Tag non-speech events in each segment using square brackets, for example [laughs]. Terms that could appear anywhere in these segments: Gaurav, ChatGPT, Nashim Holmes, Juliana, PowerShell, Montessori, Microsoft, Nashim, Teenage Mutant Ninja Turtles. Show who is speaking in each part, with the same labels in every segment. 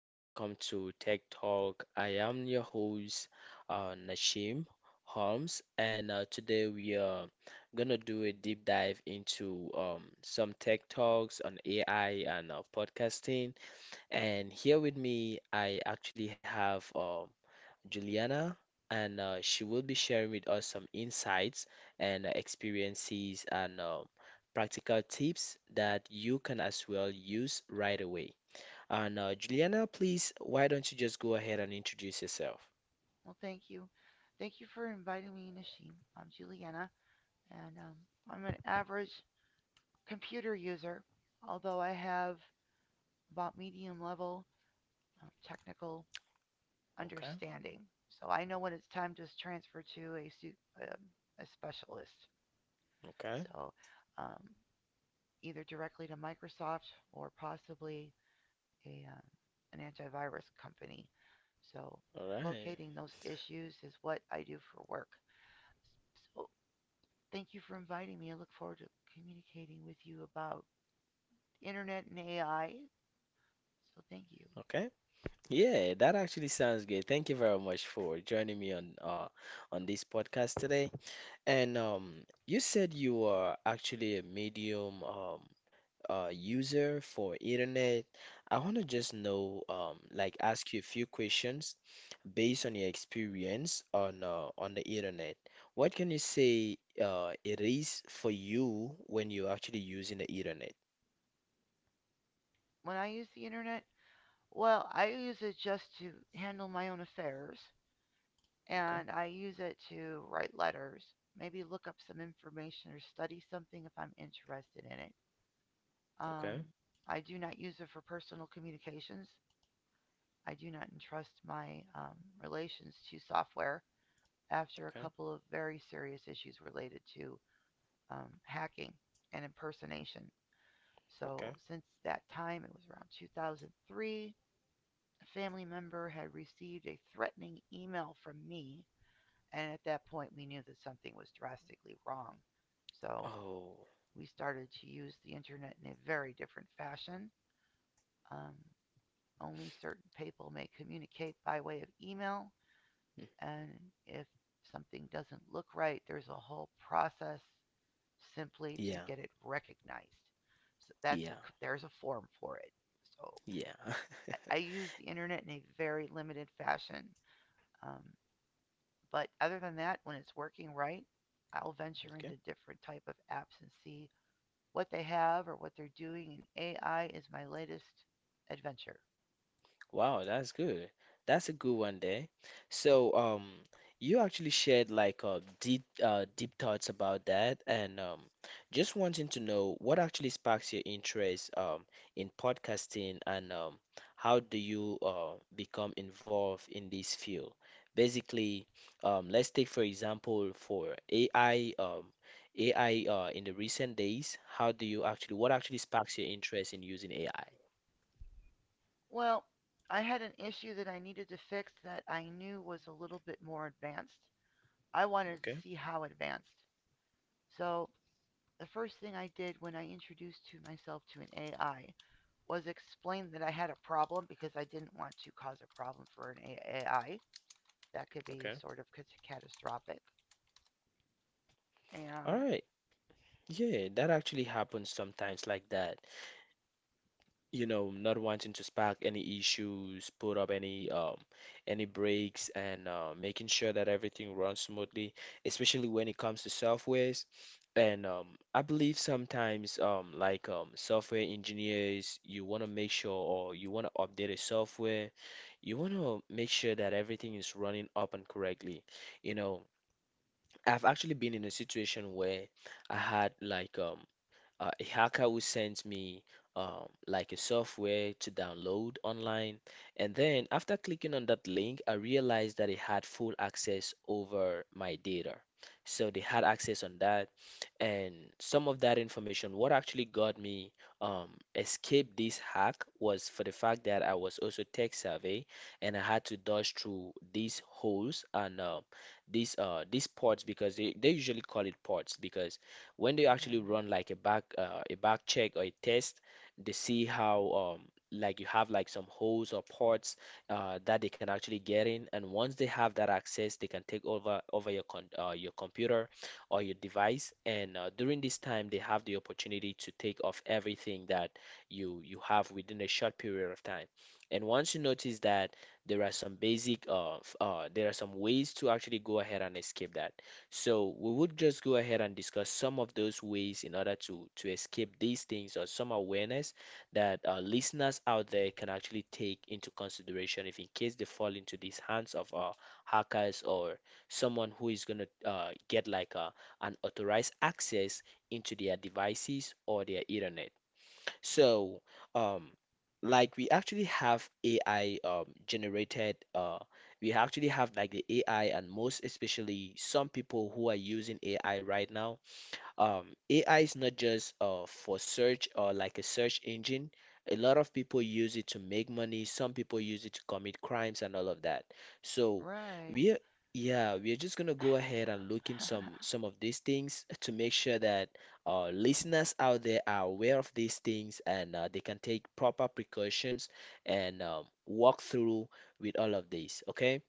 Speaker 1: Welcome to Tech Talk. I am your host, Nashim Holmes, and today we are gonna do a deep dive into some tech talks on AI and podcasting. And here with me, I actually have Juliana, and she will be sharing with us some insights and experiences and practical tips that you can as well use right away. And Juliana, please, why don't you just go ahead and introduce yourself?
Speaker 2: Well, thank you. Thank you for inviting me, Nashim. I'm Juliana, and I'm an average computer user, although I have about medium level technical
Speaker 1: Okay,
Speaker 2: understanding. So I know when it's time to transfer to um, a specialist.
Speaker 1: okay,
Speaker 2: So um, either directly to Microsoft or possibly a, um, an antivirus company. So
Speaker 1: all right,
Speaker 2: locating those issues is what I do for work. So thank you for inviting me. I look forward to communicating with you about the internet and AI. So thank you.
Speaker 1: okay. Yeah, that actually sounds good. Thank you very much for joining me on this podcast today. And you said you are actually a medium. User for internet. I want to just know, like, ask you a few questions based on your experience on the internet. What can you say it is for you when you're actually using the internet?
Speaker 2: When I use the internet, well, I use it just to handle my own affairs,
Speaker 1: Okay,
Speaker 2: and I use it to write letters, maybe look up some information or study something if I'm interested in it. Um,
Speaker 1: okay,
Speaker 2: I do not use it for personal communications. I do not entrust my relations to software after a
Speaker 1: okay,
Speaker 2: couple of very serious issues related to hacking and impersonation.
Speaker 1: okay.
Speaker 2: So, since that time, it was around 2003, a family member had received a threatening email from me. And at that point, we knew that something was drastically wrong. So,
Speaker 1: Oh,
Speaker 2: we started to use the internet in a very different fashion. Um, Only certain people may communicate by way of email.
Speaker 1: mm,
Speaker 2: And if something doesn't look right, there's a whole process simply to
Speaker 1: yeah,
Speaker 2: get it recognized. So that's
Speaker 1: yeah,
Speaker 2: there's a form for it. So
Speaker 1: yeah.
Speaker 2: I use the internet in a very limited fashion. Um, but other than that, when it's working right, I'll venture into
Speaker 1: [laughs]
Speaker 2: different type of apps and see what they have or what they're doing. And AI is my latest adventure.
Speaker 1: Wow, that's good. That's a good one there. So, you actually shared like deep thoughts about that, and just wanting to know what actually sparks your interest in podcasting, and how do you become involved in this field? Basically, let's take for example for AI, AI in the recent days, how do you actually, what actually sparks your interest in using AI?
Speaker 2: Well, I had an issue that I needed to fix that I knew was a little bit more advanced. I wanted to
Speaker 1: Okay,
Speaker 2: see how advanced. So the first thing I did when I introduced to myself to an AI was explain that I had a problem because I didn't want to cause a problem for an AI. That could be
Speaker 1: okay.
Speaker 2: sort of catastrophic.
Speaker 1: All
Speaker 2: And,
Speaker 1: right. Yeah, that actually happens sometimes like that. You know, not wanting to spark any issues, put up any breaks and making sure that everything runs smoothly, especially when it comes to softwares. And I believe sometimes software engineers, you want to make sure or you want to update a software, you want to make sure that everything is running up and correctly. You know, I've actually been in a situation where I had like a hacker will send me like a software to download online. And then after clicking on that link, I realized that it had full access over my data. So they had access on that. And some of that information, what actually got me um, escape this hack was for the fact that I was also tech savvy and I had to dodge through these holes and these ports because they usually call it ports because when they actually run
Speaker 2: okay,
Speaker 1: like a back check or a test, they see how, like you have like some holes or ports that they can actually get in, and once they have that access, they can take over your computer or your device. And during this time, they have the opportunity to take off everything that you have within a short period of time. And once you notice that there are some there are some ways to actually go ahead and escape that. So we would just go ahead and discuss some of those ways in order to escape these things or some awareness that our listeners out there can actually take into consideration if in case they fall into these hands of hackers or someone who is gonna get like an authorized access into their devices or their internet. So, um, like we actually we actually have like the AI, and most especially some people who are using AI right now. AI is not just for search or like a search engine. A lot of people use it to make money. Some people use it to commit crimes and all of that. So
Speaker 2: right.
Speaker 1: we Yeah, we're just gonna go ahead and look in
Speaker 2: [sighs] [laughs]
Speaker 1: some of these things to make sure that listeners out there are aware of these things and they can take proper precautions and walk through with all of these. Okay,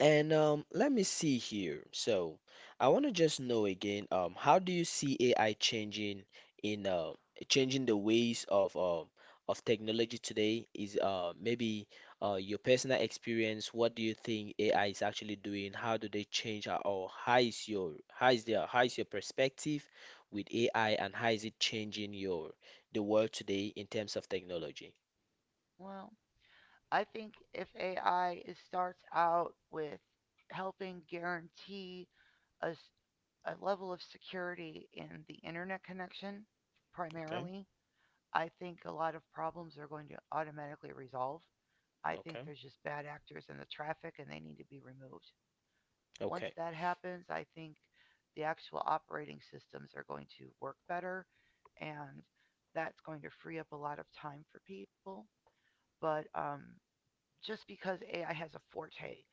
Speaker 1: and let me see here. So I want to just know again, how do you see AI changing in changing the ways of technology today? Is maybe your personal experience, what do you think AI is actually doing? How do they change uh, or how is your perspective with AI and how is it changing your the world today in terms of technology?
Speaker 2: Well, I think if AI starts out with helping guarantee a level of security in the internet connection,
Speaker 1: Okay,
Speaker 2: primarily, I think a lot of problems are going to automatically resolve. I think
Speaker 1: okay,
Speaker 2: there's just bad actors in the traffic and they need to be removed. Once
Speaker 1: okay.
Speaker 2: that happens, I think the actual operating systems are going to work better and that's going to free up a lot of time for people. But just because AI has a forte,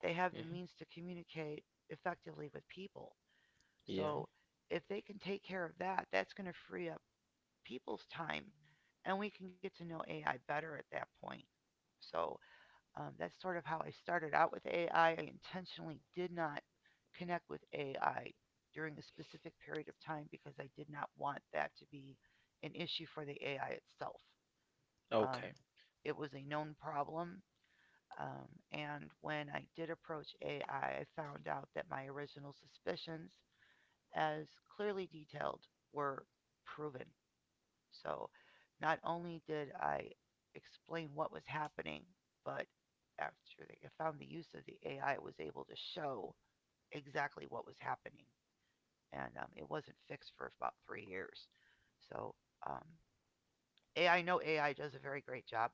Speaker 2: they have the
Speaker 1: Hmm.
Speaker 2: means to communicate effectively with people.
Speaker 1: Yeah.
Speaker 2: So if they can take care of that, that's going to free up people's time and we can get to know AI better at that point. So that's sort of how I started out with AI. I intentionally did not connect with AI during a specific period of time because I did not want that to be an issue for the AI itself.
Speaker 1: Okay.
Speaker 2: Um, it was a known problem. And when I did approach AI, I found out that my original suspicions, as clearly detailed, were proven. So not only did I explain what was happening, but after they found the use of the AI, it was able to show exactly what was happening. And it wasn't fixed for about 3 years. So um, AI, I know AI does a very great job.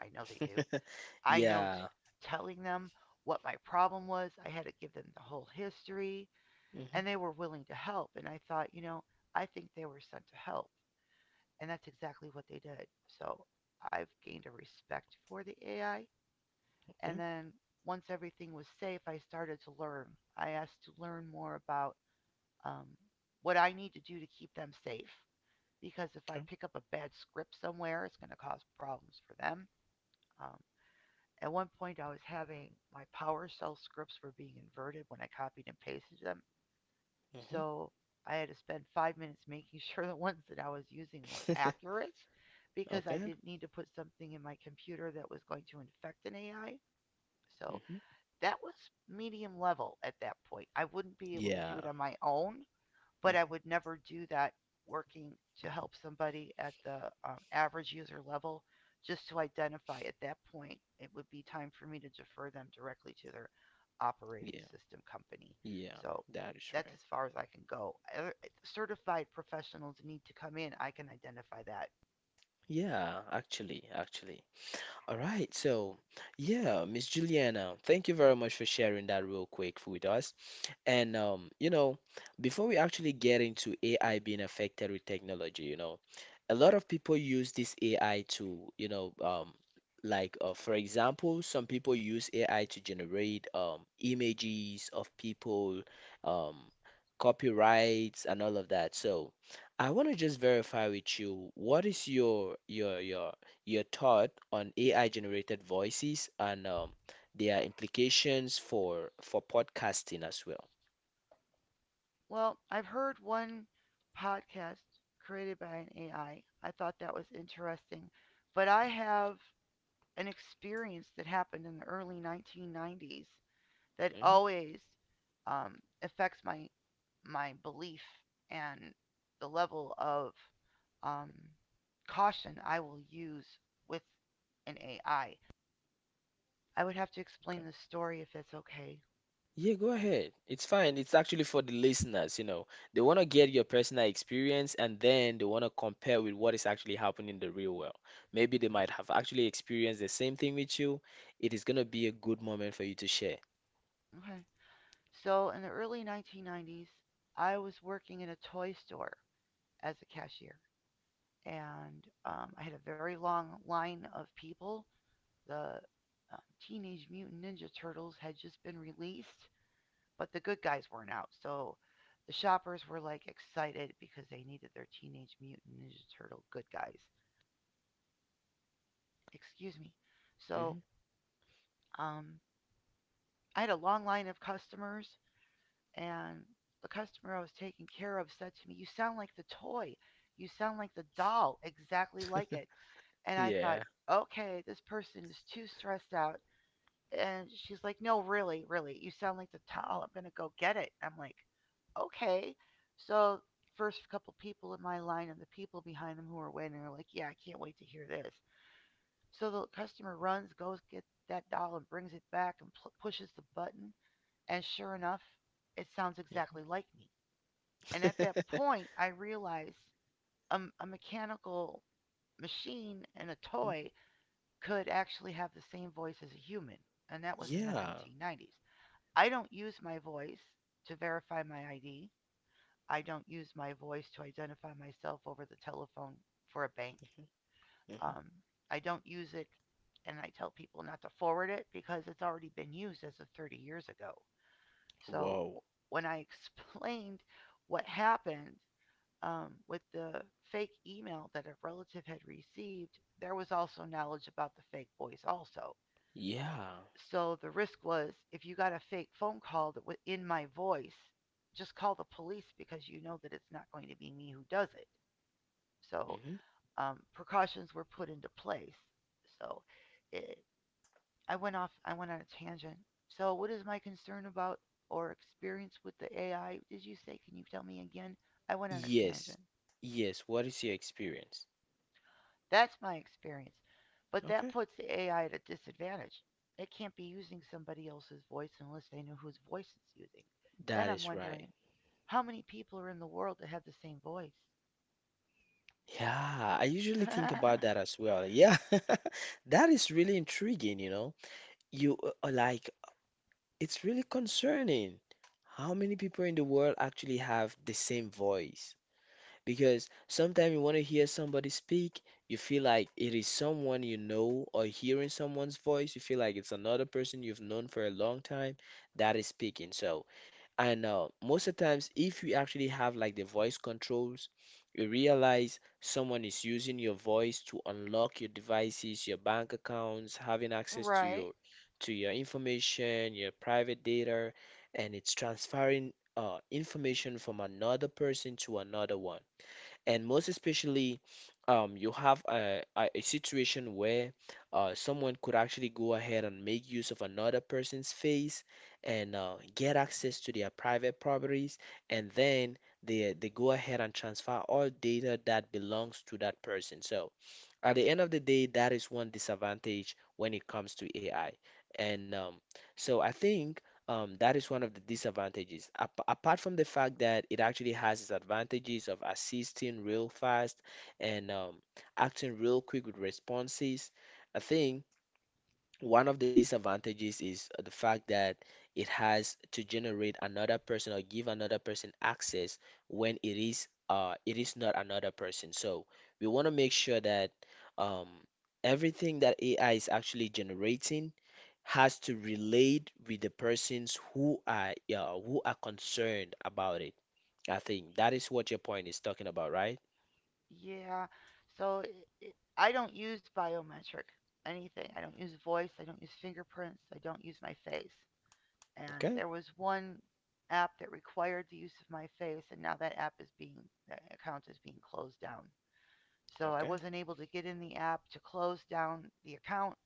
Speaker 2: I know they do.
Speaker 1: [laughs]
Speaker 2: I know
Speaker 1: Yeah.
Speaker 2: telling them what my problem was, I had to give them the whole history,
Speaker 1: Hmm.
Speaker 2: and they were willing to help. And I thought, you know, I think they were sent to help and that's exactly what they did. So I've gained a respect for the AI. And
Speaker 1: Okay.
Speaker 2: then once everything was safe, I started to learn. I asked to learn more about um, what I need to do to keep them safe. Because if I
Speaker 1: Okay.
Speaker 2: pick up a bad script somewhere, it's going to cause problems for them. Um, at one point, I was having my PowerShell scripts were being inverted when I copied and pasted them.
Speaker 1: Hmm.
Speaker 2: So I had to spend 5 minutes making [laughs] sure the ones that I was using were
Speaker 1: [laughs]
Speaker 2: accurate because I
Speaker 1: Okay.
Speaker 2: didn't need to put something in my computer that was going to infect an AI. So
Speaker 1: Hmm.
Speaker 2: that was medium level at that point. I wouldn't be able to do it
Speaker 1: Yeah.
Speaker 2: on my own, but
Speaker 1: Hmm.
Speaker 2: I would never do that working to help somebody at the average user level. Just to identify at that point it would be time for me to defer them directly to their operating
Speaker 1: Yeah.
Speaker 2: system company.
Speaker 1: Yeah.
Speaker 2: So
Speaker 1: That is
Speaker 2: that's
Speaker 1: right.
Speaker 2: as far as I can go. Certified professionals need to come in. I can identify that.
Speaker 1: Yeah. All right, so yeah, Miss Juliana, thank you very much for sharing that real quick with us. And you know, before we actually get into AI being affected with technology, you know, a lot of people use this AI to, you know, like for example, some people use AI to generate images of people, um, copyrights and all of that. So I want to just verify with you, what is your thought on AI generated voices and their implications for podcasting as well.
Speaker 2: Well, I've heard one podcast created by an AI. I thought that was interesting, but I have an experience that happened in the early 1990s that
Speaker 1: Hmm.
Speaker 2: always um, affects my belief and the level of um, caution I will use with an AI. I would have to explain
Speaker 1: Okay.
Speaker 2: the story if that's okay.
Speaker 1: Yeah, go ahead. It's fine. It's actually for the listeners, you know. They want to get your personal experience and then they want to compare with what is actually happening in the real world. Maybe they might have actually experienced the same thing with you. It is going to be a good moment for you to share.
Speaker 2: Okay. So in the early 1990s, I was working in a toy store as a cashier, and I had a very long line of people. The um, Teenage Mutant Ninja Turtles had just been released, but the good guys weren't out, so the shoppers were like excited because they needed their Teenage Mutant Ninja Turtle good guys. Excuse me. So
Speaker 1: Hmm.
Speaker 2: um, I had a long line of customers, and the customer I was taking care of said to me, "You sound like the toy. You sound like the doll, exactly like it." And I thought,
Speaker 1: Yeah.
Speaker 2: okay, this person is too stressed out. And she's like, "No, really, really, you sound like the towel. I'm gonna go get it." I'm like, "Okay." So first couple people in my line and the people behind them who are waiting are like, "Yeah, I can't wait to hear this." So the customer runs, goes gets that doll and brings it back and pushes the button, and sure enough, it sounds
Speaker 1: Mhm.
Speaker 2: exactly like me. And at that
Speaker 1: [laughs]
Speaker 2: point, I realized a mechanical machine and a toy
Speaker 1: Mhm.
Speaker 2: could actually have the same voice as a human, and that was in the
Speaker 1: Yeah.
Speaker 2: 1990s. I don't use my voice to verify my ID. I don't use my voice to identify myself over the telephone for a bank.
Speaker 1: Mhm.
Speaker 2: Um, I don't use it, and I tell people not to forward it because it's already been used as of 30 years ago. So
Speaker 1: Wow.
Speaker 2: when I [laughs] explained what happened with the fake email that a relative had received, there was also knowledge about the fake voice, also.
Speaker 1: Yeah.
Speaker 2: So the risk was if you got a fake phone call that was in my voice, just call the police because you know that it's not going to be me who does it. So
Speaker 1: Mhm.
Speaker 2: precautions were put into place. So it, I went off. I went on a tangent. So what is my concern about or experience with the AI? Did you say? Can you tell me again? I went on a
Speaker 1: Yes.
Speaker 2: tangent.
Speaker 1: Yes. What is your experience?
Speaker 2: That's my experience. But that
Speaker 1: Okay.
Speaker 2: puts the AI at a disadvantage. It can't be using somebody else's voice unless they know whose voice it's using. Then
Speaker 1: That
Speaker 2: I'm
Speaker 1: is right.
Speaker 2: wondering how many people are in the world that have the same voice?
Speaker 1: Yeah, I usually think about that
Speaker 2: [laughs]
Speaker 1: as well. Yeah, [laughs] that is really intriguing, you know. You uh, uh, like, it's really concerning how many people in the world actually have the same voice. Because sometimes you want to hear somebody speak, you feel like it is someone you know, or hearing someone's voice, you feel like it's another person you've known for a long time that is speaking. So, and most of the times, if you actually have like the voice controls, you realize someone is using your voice to unlock your devices, your bank accounts, having access
Speaker 2: Right.
Speaker 1: to your information, your private data, and it's transferring information from another person to another one and most especially you have a situation where someone could actually go ahead and make use of another person's face and get access to their private properties and then they go ahead and transfer all data that belongs to that person so at the end of the day, that is one disadvantage when it comes to AI. And so I think that is one of the disadvantages. Ap Apart from the fact that it actually has its advantages of assisting real fast and acting real quick with responses, I think one of the disadvantages is the fact that it has to generate another person or give another person access when it is not another person. So we want to make sure that um everything that AI is actually generating has to relate with the persons who are concerned about it. I think that is what your point is talking about, right?
Speaker 2: Yeah. So it, I don't use biometric anything. I don't use voice. I don't use fingerprints. I don't use my face. And
Speaker 1: Okay.
Speaker 2: there was one app that required the use of my face, and now that account is being closed down. So I
Speaker 1: Okay.
Speaker 2: wasn't able to get in the app to close down the account.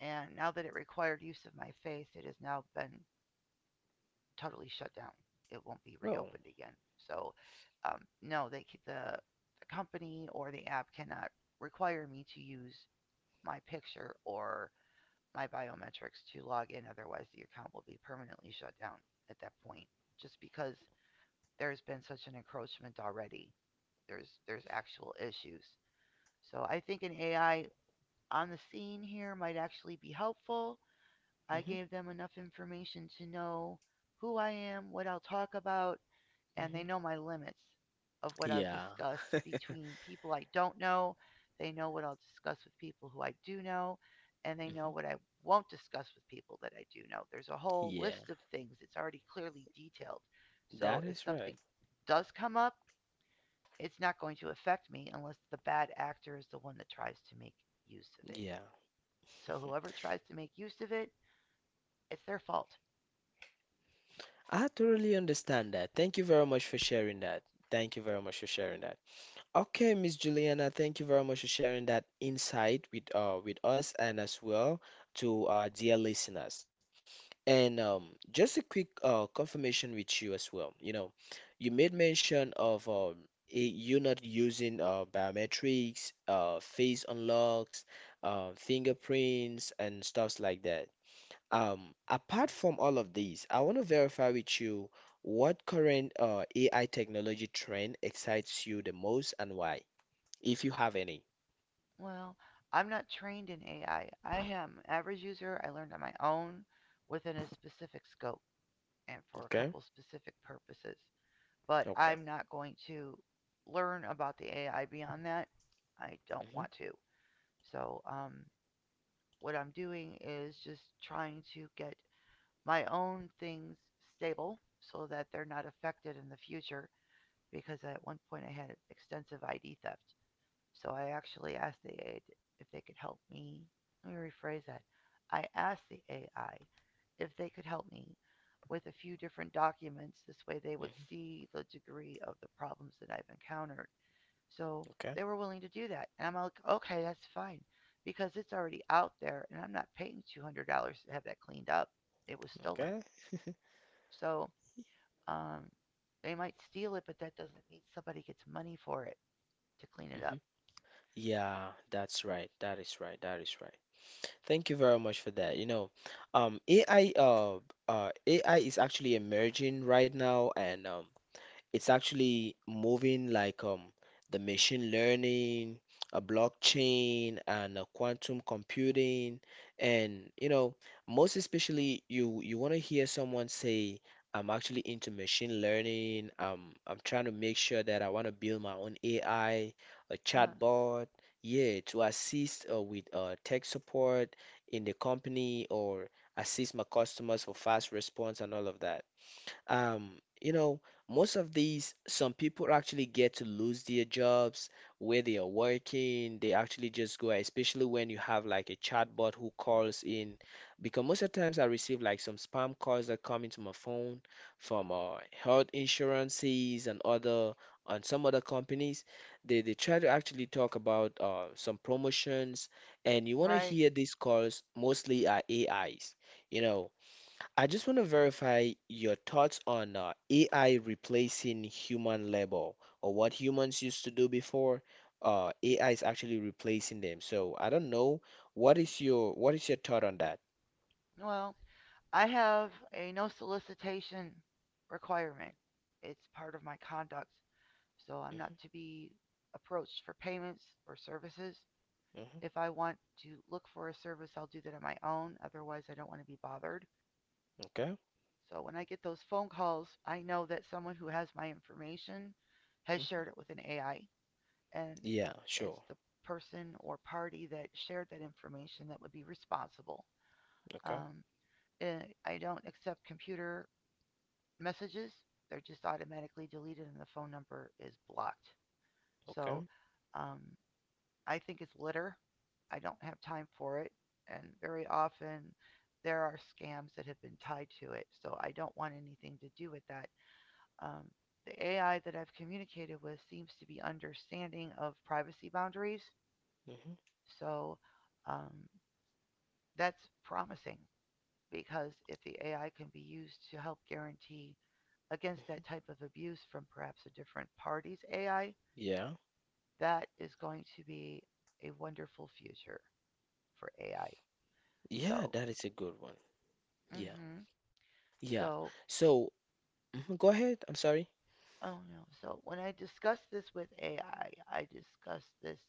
Speaker 2: And now that it required use of my face, it has now been totally shut down. It won't be
Speaker 1: Well.
Speaker 2: reopened again. So, no, the company or the app cannot require me to use my picture or my biometrics to log in. Otherwise, the account will be permanently shut down at that point. Just because there's been such an encroachment already, there's actual issues. So I think an AI on the scene here might actually be helpful. I
Speaker 1: Hmm.
Speaker 2: gave them enough information to know who I am, what I'll talk about, and they
Speaker 1: Hmm.
Speaker 2: know my limits of what I'll
Speaker 1: Yeah.
Speaker 2: discuss between people I don't know. They know what I'll discuss with people who I do know, and they know
Speaker 1: Hmm.
Speaker 2: what I won't discuss with people that I do know. There's a whole
Speaker 1: Yeah.
Speaker 2: list of things. It's already clearly detailed. So
Speaker 1: That
Speaker 2: if
Speaker 1: is right.
Speaker 2: something does come up, it's not going to affect me unless the bad actor is the one that tries to make use of it.
Speaker 1: Yeah,
Speaker 2: So whoever tries to make use of it, it's their fault.
Speaker 1: I thoroughly understand that. Thank you very much for sharing that. Thank you very much for sharing that. Okay, Miss Juliana, thank you very much for sharing that insight with us and as well to our dear listeners. And just a quick confirmation with you as well. You know, you made mention of i- you not using biometrics, face unlocks, fingerprints and stuffs like that. Apart from all of these, I want to verify with you what current AI technology trend excites you the most and why, if you have any.
Speaker 2: Well, I'm not trained in AI. I am an average user. I learned on my own within a specific scope and for a
Speaker 1: Okay.
Speaker 2: couple specific purposes. But
Speaker 1: Okay.
Speaker 2: I'm not going to learn about the AI beyond that. I don't
Speaker 1: Hmm.
Speaker 2: want to. So, um, what I'm doing is just trying to get my own things stable so that they're not affected in the future because at one point I had extensive ID theft. So I actually asked the AI if they could help me. Let me rephrase that. I asked the AI if they could help me with a few different documents. This way they would
Speaker 1: Hmm.
Speaker 2: see the degree of the problems that I've encountered. So
Speaker 1: Okay.
Speaker 2: they were willing to do that. And I'm like, okay, that's fine because it's already out there and I'm not paying $200 to have that cleaned up. It was stolen.
Speaker 1: Okay.
Speaker 2: So um, they might steal it, but that doesn't mean somebody gets money for it to clean it
Speaker 1: Hmm.
Speaker 2: up.
Speaker 1: Yeah, that's right. That is right. That is right. Thank you very much for that. You know, um, AI uh, uh, AI is actually emerging right now, and it's actually moving like the machine learning, a blockchain, and a quantum computing. And you know, most especially you want to hear someone say, I'm actually into machine learning. I'm trying to make sure that I want to build my own AI, a
Speaker 2: Uh,
Speaker 1: chatbot, yeah, to assist with tech support in the company or assist my customers for fast response and all of that. Um, you know, most of these, some people actually get to lose their jobs where they are working. They actually just go, especially when you have like a chatbot who calls in, because most of the times I receive like some spam calls that come into my phone from health insurances and some other companies. They try to actually talk about some promotions, and you want to
Speaker 2: right.
Speaker 1: hear these calls mostly are AIs. You know, I just want to verify your thoughts on AI replacing human labor or what humans used to do before. AI is actually replacing them. So I don't know what is your thought on that?
Speaker 2: Well, I have a no solicitation requirement. It's part of my conduct, so I'm not
Speaker 1: Mm-hmm,
Speaker 2: to be approached for payments or services.
Speaker 1: mm-hmm,
Speaker 2: If I want to look for a service, I'll do that on my own. Otherwise, I don't want to be bothered.
Speaker 1: okay.
Speaker 2: So when I get those phone calls, I know that someone who has my information has
Speaker 1: Hmm.
Speaker 2: shared it with an AI, and
Speaker 1: Yeah,
Speaker 2: it's
Speaker 1: sure.
Speaker 2: the person or party that shared that information that would be responsible.
Speaker 1: Okay.
Speaker 2: Um, I don't accept computer messages, they're just automatically deleted and the phone number is blocked. So
Speaker 1: Okay.
Speaker 2: um, I think it's litter, I don't have time for it, and very often there are scams that have been tied to it, so I don't want anything to do with that. um, the AI that I've communicated with seems to be understanding of privacy boundaries,
Speaker 1: Mm-hmm,
Speaker 2: so um, that's promising. Because if the AI can be used to help guarantee against that
Speaker 1: mm-hmm.
Speaker 2: type of abuse from perhaps a different party's AI,
Speaker 1: Yeah.
Speaker 2: that is going to be a wonderful future for AI. So,
Speaker 1: Yeah, that is a good one. Yeah.
Speaker 2: hmm.
Speaker 1: Yeah.
Speaker 2: So
Speaker 1: So mhm, go ahead. I'm sorry.
Speaker 2: oh no, so when I discussed this with AI, I discussed this.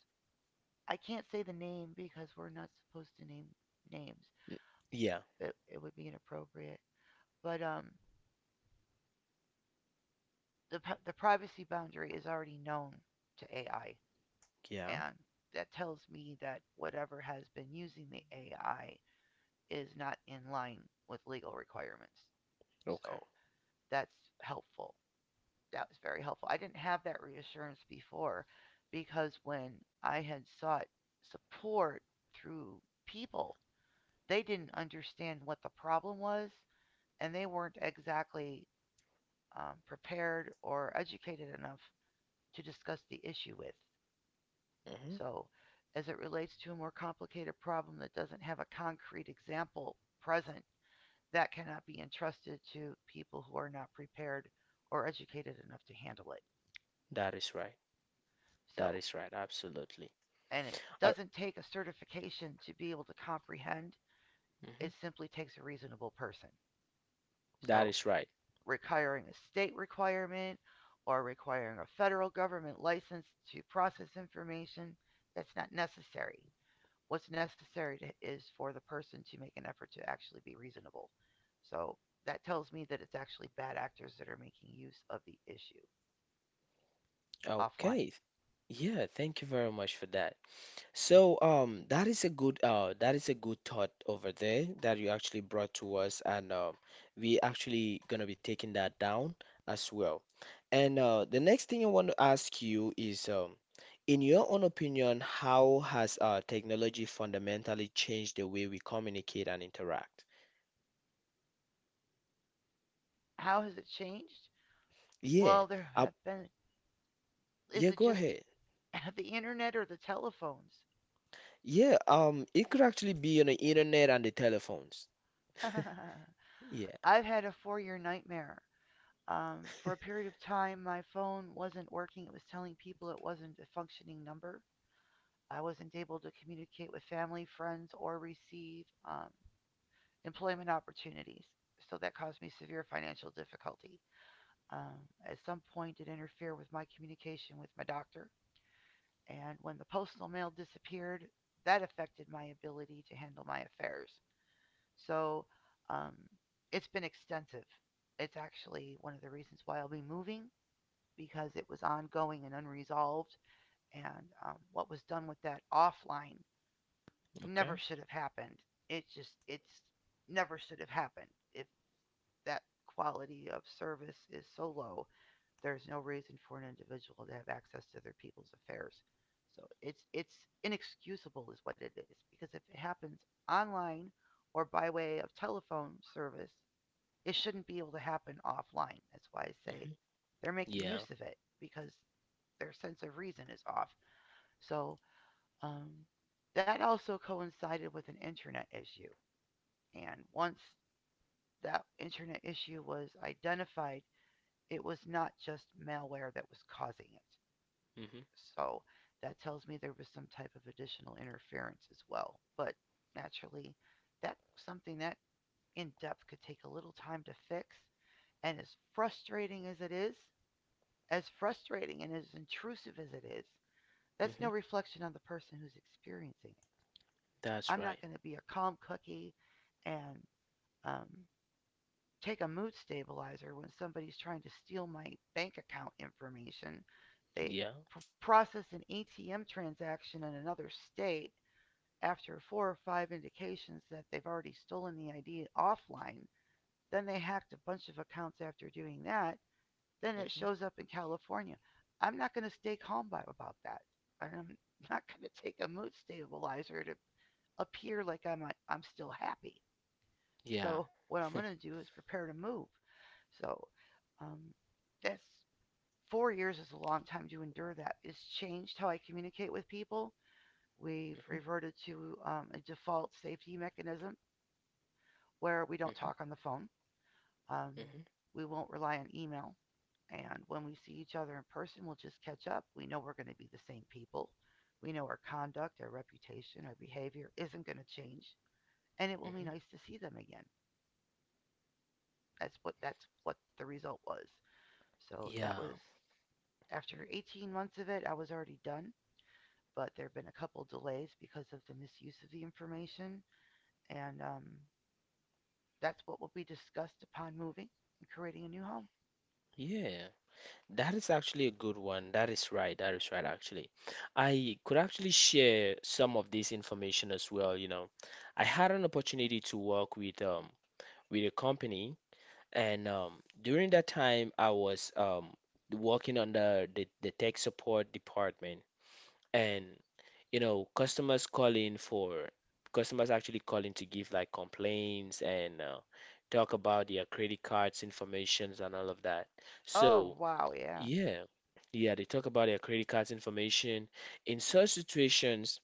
Speaker 2: I can't say the name because we're not supposed to name names.
Speaker 1: Yeah.
Speaker 2: It would be inappropriate. But the the privacy boundary is already known to AI.
Speaker 1: Yeah.
Speaker 2: And that tells me that whatever has been using the AI is not in line with legal requirements. So
Speaker 1: Okay.
Speaker 2: that's helpful. That was very helpful. I didn't have that reassurance before because when I had sought support through people, they didn't understand what the problem was and they weren't exactly prepared or educated enough to discuss the issue with.
Speaker 1: Mm-hmm.
Speaker 2: So, as it relates to a more complicated problem that doesn't have a concrete example present, that cannot be entrusted to people who are not prepared or educated enough to handle it.
Speaker 1: That is right. That
Speaker 2: So,
Speaker 1: is right. Absolutely.
Speaker 2: and it doesn't take a certification to be able to comprehend, it simply takes a reasonable person.
Speaker 1: That
Speaker 2: So,
Speaker 1: is right.
Speaker 2: requiring a state requirement or requiring a federal government license to process information, that's not necessary. What's necessary to, is for the person to make an effort to actually be reasonable. So that tells me that it's actually bad actors that are making use of the issue offline.
Speaker 1: Okay. Yeah, thank you very much for that. So, that is a good that is a good thought over there that you actually brought to us, and we actually gonna be taking that down as well. And the next thing I want to ask you is in your own opinion, how has technology fundamentally changed the way we communicate and interact?
Speaker 2: How has it changed?
Speaker 1: Yeah.
Speaker 2: Well, there
Speaker 1: Um,
Speaker 2: have been. Is
Speaker 1: yeah,
Speaker 2: it
Speaker 1: go
Speaker 2: just the
Speaker 1: ahead.
Speaker 2: [laughs] the internet or the telephones?
Speaker 1: Yeah, it could actually be on the internet and the telephones.
Speaker 2: [laughs]
Speaker 1: Yeah.
Speaker 2: I've had a four-year nightmare. For a period of time, my phone wasn't working. It was telling people it wasn't a functioning number. I wasn't able to communicate with family, friends, or receive employment opportunities. So that caused me severe financial difficulty. Um, at some point, it interfered with my communication with my doctor. And when the postal mail disappeared, that affected my ability to handle my affairs. So um, it's been extensive. It's actually one of the reasons why I'll be moving because it was ongoing and unresolved. And what was done with that offline
Speaker 1: Okay.
Speaker 2: never should have happened. It just, it's never should have happened. If that quality of service is so low, there's no reason for an individual to have access to their people's affairs. So it's inexcusable is what it is, because if it happens online or by way of telephone service, it shouldn't be able to happen offline. That's why I say
Speaker 1: Hmm.
Speaker 2: they're making
Speaker 1: Yeah.
Speaker 2: use of it because their sense of reason is off. So um, that also coincided with an internet issue, and once that internet issue was identified, it was not just malware that was causing it.
Speaker 1: Hmm.
Speaker 2: So that tells me there was some type of additional interference as well. But naturally, that's something that in depth could take a little time to fix. And as frustrating as it is, as frustrating and as intrusive as it is, that's no
Speaker 1: Hmm.
Speaker 2: reflection on the person who's experiencing it.
Speaker 1: That's
Speaker 2: I'm
Speaker 1: right.
Speaker 2: not going to be a calm cookie and um, take a mood stabilizer when somebody's trying to steal my bank account information. They
Speaker 1: Yeah.
Speaker 2: process an ATM transaction in another state after four or five indications that they've already stolen the ID offline. Then they hacked a bunch of accounts after doing that. Then it
Speaker 1: Hmm.
Speaker 2: shows up in California. I'm not going to stay calm by, about that. And I'm [laughs] not going to take a mood stabilizer to appear like I'm still happy.
Speaker 1: Yeah.
Speaker 2: So what I'm going to do is prepare to move. So um, that's 4 years is a long time to endure that. It's changed how I communicate with people. We've
Speaker 1: Hmm.
Speaker 2: reverted to a default safety mechanism where we don't talk
Speaker 1: Hmm.
Speaker 2: on the phone. Um,
Speaker 1: Hmm.
Speaker 2: we won't rely on email. And when we see each other in person, we'll just catch up. We know we're going to be the same people. We know our conduct, our reputation, our behavior isn't going to change, and it will be
Speaker 1: Hmm.
Speaker 2: nice to see them again. That's what the result was. So that
Speaker 1: Yeah.
Speaker 2: was after 18 months of it, I was already done. But there have been a couple delays because of the misuse of the information, and that's what will be discussed upon moving and creating a new home.
Speaker 1: Yeah. That is actually a good one. That is right. That is right, actually. I could actually share some of this information as well, you know. I had an opportunity to work with a company, and during that time I was working under the tech support department, and you know, customers calling for customers actually calling to give like complaints, and talk about their credit cards informations and all of that.
Speaker 2: Oh
Speaker 1: So
Speaker 2: wow, yeah,
Speaker 1: yeah, yeah, they talk about their credit cards information in such situations.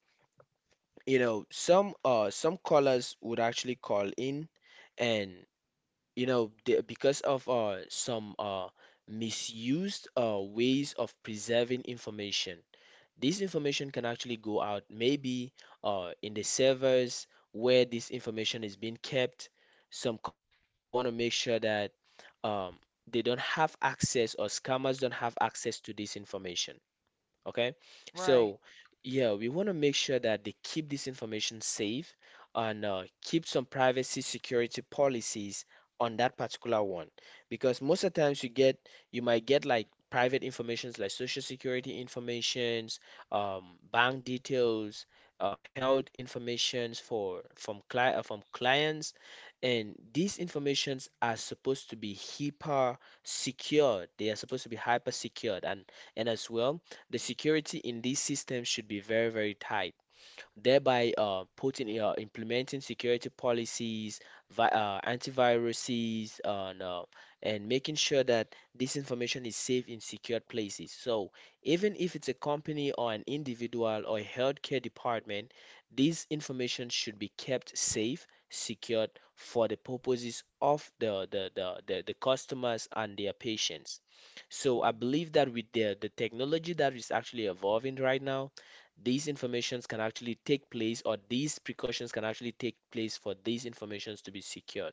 Speaker 1: You know, some callers would actually call in, and you know, because of some misused ways of preserving information, this information can actually go out, maybe in the servers where this information is being kept. Some companies will want to make sure that um, they don't have access or scammers don't have access to this information. Okay,
Speaker 2: right,
Speaker 1: so yeah, we want to make sure that they keep this information safe and keep some privacy security policies on that particular one, because most of the times you get you might get like private informations like social security informations, um, bank details, health informations for from cli from clients, and these informations are supposed to be hyper secured. They are supposed to be hyper secured, and as well the security in these systems should be very very tight, thereby putting implementing security policies, vi antiviruses, and, no, and making sure that this information is safe in secured places. So even if it's a company or an individual or a healthcare department, this information should be kept safe, secured for the purposes of the customers and their patients. So I believe
Speaker 2: mm-hmm.
Speaker 1: that with the technology that is actually evolving right now, these informations can actually take place, or these precautions can actually take place for these informations to be secured.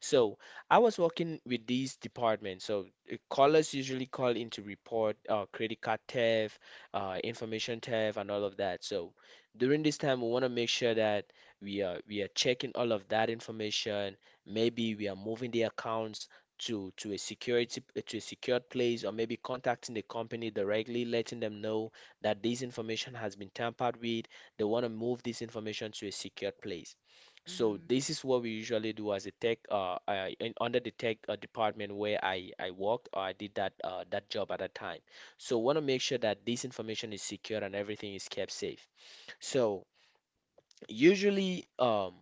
Speaker 1: So I was working with these departments. So callers usually call in to report credit card theft, information theft, and all of that. So during this time, we want to make sure that we are checking all of that information. Maybe we are moving the accounts to a security to a secured place, or maybe contacting the company directly, letting them know that this information has been tampered with. They want to move this information to a secured place. So
Speaker 2: Mm-hmm.
Speaker 1: this is what we usually do as a under the tech department where I worked or I did that that job at that time. So want to make sure that this information is secure and everything is kept safe. So usually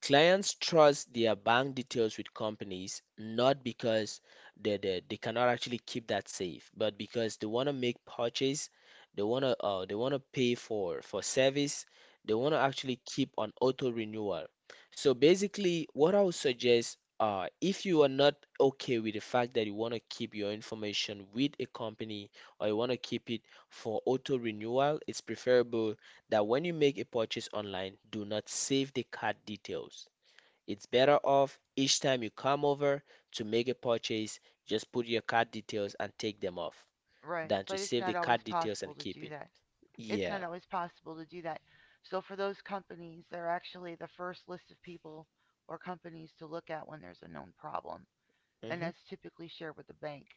Speaker 1: clients trust their bank details with companies not because they cannot actually keep that safe, but because they want to make purchase, they want to pay for service, they want to actually keep on auto renewal. So basically, what I would suggest, if you are not okay with the fact that you want to keep your information with a company, or you want to keep it for auto renewal, it's preferable that when you make a purchase online, do not save the cart details. It's better off each time you come over to make a purchase, just put your cart details and take them off
Speaker 2: Right.
Speaker 1: than to
Speaker 2: But it's
Speaker 1: save the
Speaker 2: not always
Speaker 1: cart details
Speaker 2: possible
Speaker 1: and
Speaker 2: to
Speaker 1: keep
Speaker 2: do
Speaker 1: it.
Speaker 2: that. It's
Speaker 1: Yeah,
Speaker 2: not always possible to do that. So for those companies, they're actually the first list of people or companies to look at when there's a known problem, and
Speaker 1: mhm.
Speaker 2: that's typically shared with the bank.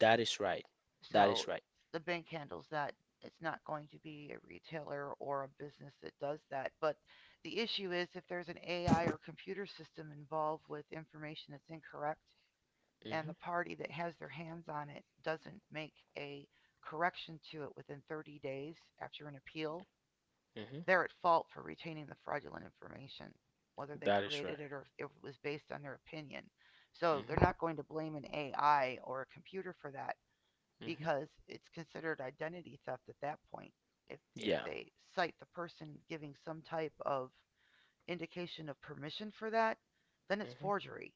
Speaker 1: That is right. That is
Speaker 2: So
Speaker 1: right.
Speaker 2: the bank handles that. It's not going to be a retailer or a business that does that. But the issue is if there's an AI or computer system involved with information that's incorrect and the
Speaker 1: Mhm,
Speaker 2: party that has their hands on it doesn't make a correction to it within 30 days after an appeal,
Speaker 1: mhm.
Speaker 2: they're at fault for retaining the fraudulent information, whether they
Speaker 1: That is right.
Speaker 2: created it or if it was based on their opinion. So they're
Speaker 1: Mhm,
Speaker 2: not going to blame an AI or a computer for that
Speaker 1: mhm.
Speaker 2: because it's considered identity theft at that point. If
Speaker 1: Yeah.
Speaker 2: they cite the person giving some type of indication of permission for that, then it's
Speaker 1: Mhm,
Speaker 2: forgery.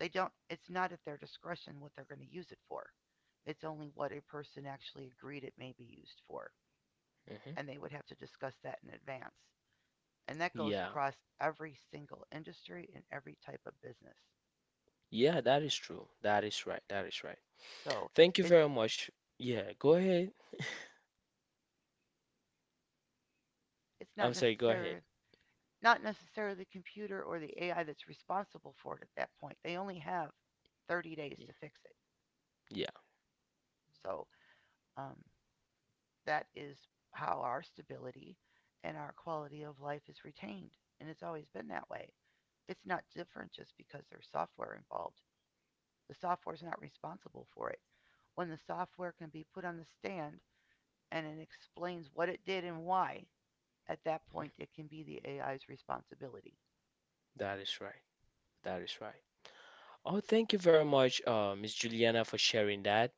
Speaker 2: They don't It's not at their discretion what they're going to use it for. It's only what a person actually agreed it may be used for,
Speaker 1: mhm.
Speaker 2: and they would have to discuss that in advance. And that goes
Speaker 1: Yeah.
Speaker 2: across every single industry and every type of business.
Speaker 1: Yeah, that is true. That is right. That is right.
Speaker 2: So,
Speaker 1: Thank you
Speaker 2: it's
Speaker 1: very much. Yeah, go ahead.
Speaker 2: it's
Speaker 1: I'm
Speaker 2: not
Speaker 1: sorry, go ahead.
Speaker 2: necessarily the computer or the AI that's responsible for it at that point. They only have 30 days to fix it.
Speaker 1: Yeah,
Speaker 2: So um, that is how our stability and our quality of life is retained. And it's always been that way. It's not different just because there's software involved. The software is not responsible for it. When the software can be put on the stand and it explains what it did and why, at that point it can be the AI's responsibility.
Speaker 1: that is right. That is right. Oh, thank you very much, Miss Juliana, for sharing that.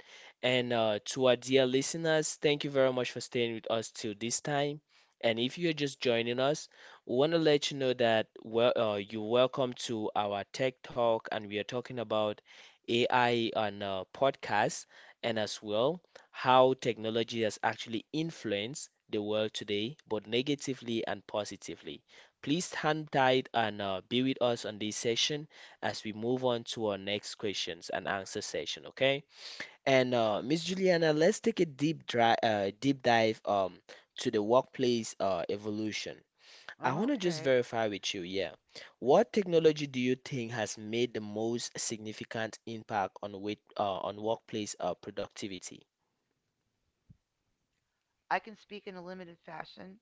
Speaker 1: And to our dear listeners, thank you very much for staying with us till this time. And if you're just joining us, we want to let you know that well, you're welcome to our Tech Talk, and we are talking about AI on podcasts, and as well how technology has actually influenced the world today, both negatively and positively. Please stand tight and be with us on this session as we move on to our next questions and answer session, okay? And Miss Juliana, let's take a deep dive to the workplace evolution. I want to just
Speaker 2: Okay,
Speaker 1: verify with you, yeah. What technology do you think has made the most significant impact on on workplace productivity?
Speaker 2: I can speak in a limited fashion.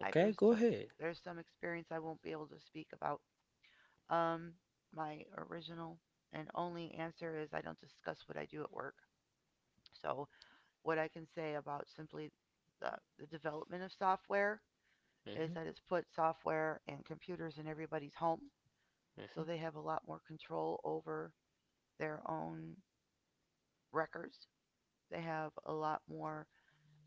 Speaker 2: I There's
Speaker 1: go
Speaker 2: some
Speaker 1: ahead.
Speaker 2: experience I won't be able to speak about. Um, my original and only answer is I don't discuss what I do at work. So what I can say about simply the, the development of software is
Speaker 1: Hmm.
Speaker 2: that it's put software and computers in everybody's home, so
Speaker 1: Hmm.
Speaker 2: they have a lot more control over their own records. They have a lot more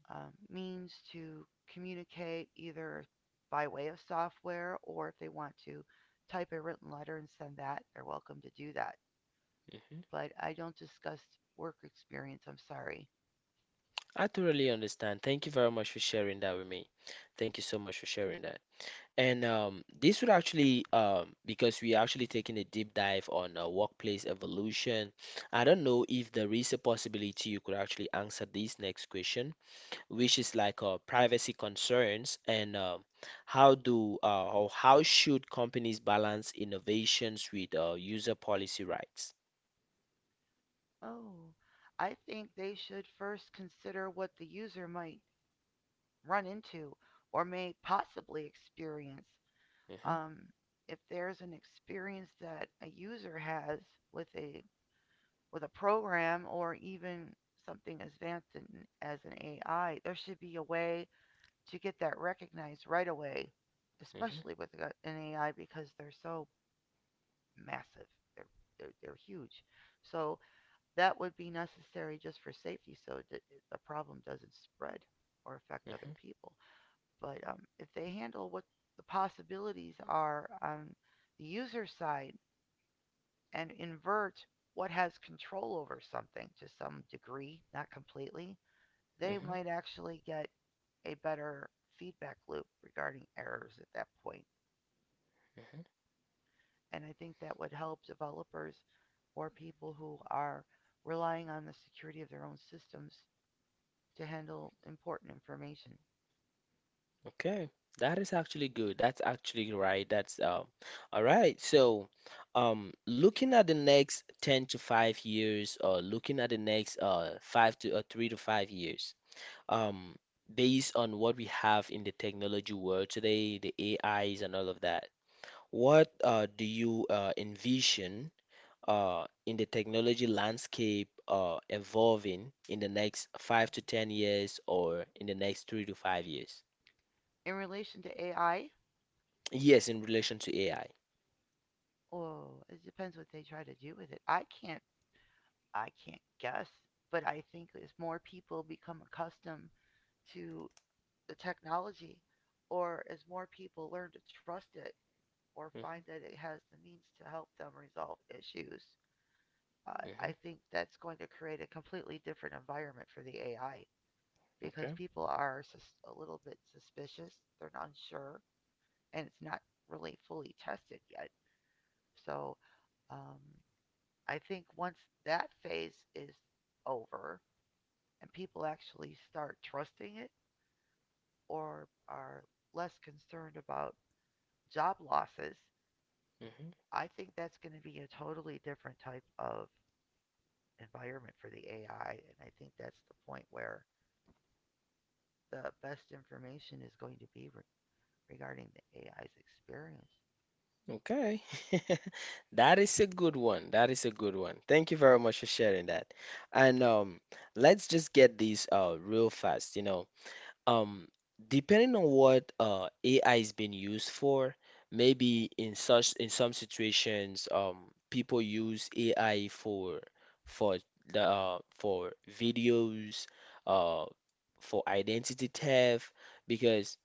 Speaker 2: means to communicate either by way of software or if they want to type a written letter and send that, they're welcome to do that.
Speaker 1: Hmm.
Speaker 2: But I don't discuss work experience, I'm sorry.
Speaker 1: I thoroughly understand. Thank you very much for sharing that with me. Thank you so much for sharing that. And this would actually, because we are actually taking a deep dive on workplace evolution, I don't know if there is a possibility you could actually answer this next question, which is like privacy concerns, and how do or how should companies balance innovations with user policy rights?
Speaker 2: Oh, I think they should first consider what the user might run into or may possibly experience.
Speaker 1: Hmm.
Speaker 2: Um, if there's an experience that a user has with a program or even something as advanced as an AI, there should be a way to get that recognized right away,
Speaker 1: Hmm.
Speaker 2: especially with an AI because they're so massive. They're, they're huge. So that would be necessary just for safety so that the problem doesn't spread or affect other
Speaker 1: Hmm.
Speaker 2: people. But if they handle what the possibilities are on the user side and invert what has control over something to some degree, not completely, they might actually get a better feedback loop regarding errors at that point.
Speaker 1: Hmm.
Speaker 2: And I think that would help developers or people who are relying on the security of their own systems to handle important information.
Speaker 1: Okay, that is actually good. That's actually right. That's all right. So, looking at the next 10 to 5 years, or looking at the next 5 to 3 to 5 years, um, based on what we have in the technology world today, the AIs and all of that, what do you envision in the technology landscape evolving in the next 5 to 10 years or in the next 3 to 5 years?
Speaker 2: In relation to AI,
Speaker 1: Yes, in relation to AI.
Speaker 2: oh, it depends what they try to do with it. I can't guess, but I think as more people become accustomed to the technology or as more people learn to trust it or find
Speaker 1: Mm-hmm.
Speaker 2: that it has the means to help them resolve issues, uh,
Speaker 1: Mm-hmm.
Speaker 2: I think that's going to create a completely different environment for the AI because
Speaker 1: Okay.
Speaker 2: people are a little bit suspicious, they're not sure, and it's not really fully tested yet. So um, I think once that phase is over and people actually start trusting it or are less concerned about job losses.
Speaker 1: Mm-hmm.
Speaker 2: I think that's going to be a totally different type of environment for the AI, and I think that's the point where the best information is going to be regarding the AI's experience.
Speaker 1: Okay. [laughs] That is a good one. That is a good one. Thank you very much for sharing that. And let's just get these real fast, you know. Um, depending on what AI is being used for, maybe in some situations, people use AI for the for videos, uh, for identity theft, because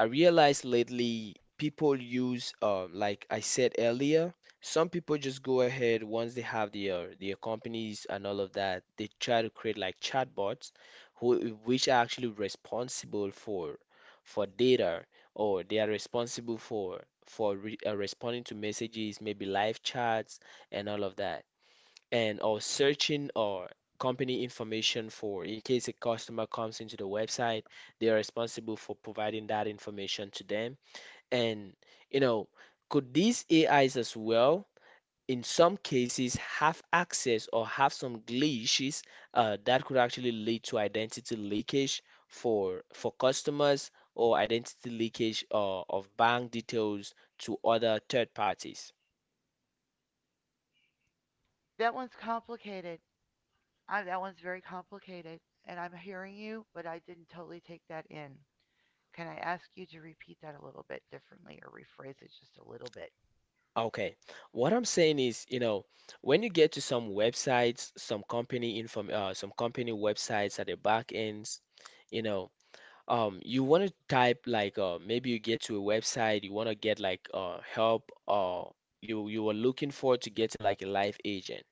Speaker 1: I realized lately people use, like I said earlier, some people just go ahead once they have their companies and all of that. They try to create like chatbots, who which are actually responsible for data, or they are responsible for responding to messages, maybe live chats and all of that, and or searching or company information for in case a customer comes into the website, they are responsible for providing that information to them. And you know, could these ais as well in some cases have access or have some glitches that could actually lead to identity leakage for customers, or identity leakage of bank details to other third parties?
Speaker 2: That one's complicated. That one's very complicated, and I'm hearing you, but I didn't totally take that in. Can I ask you to repeat that a little bit differently or rephrase it just a little bit?
Speaker 1: Okay. What I'm saying is, you know, when you get to some websites, some some company websites at the back ends, you know, you want to type like, maybe you get to a website, you want to get like, help, or you were looking forward to getting like a live agent,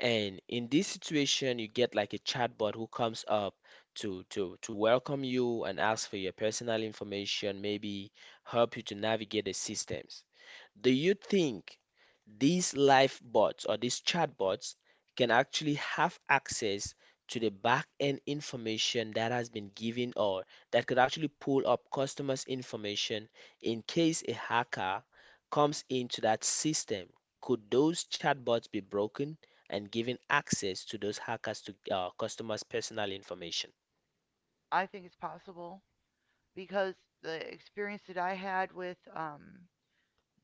Speaker 1: and in this situation, you get like a chatbot who comes up to welcome you and ask for your personal information, maybe help you to navigate the systems. Do you think these live bots or these chatbots can actually have access to the back end information that has been given, or that could actually pull up customers' information in case a hacker comes into that system? Could those chatbots be broken and given access to those hackers to customers' personal information?
Speaker 2: I think it's possible because the experience that I had with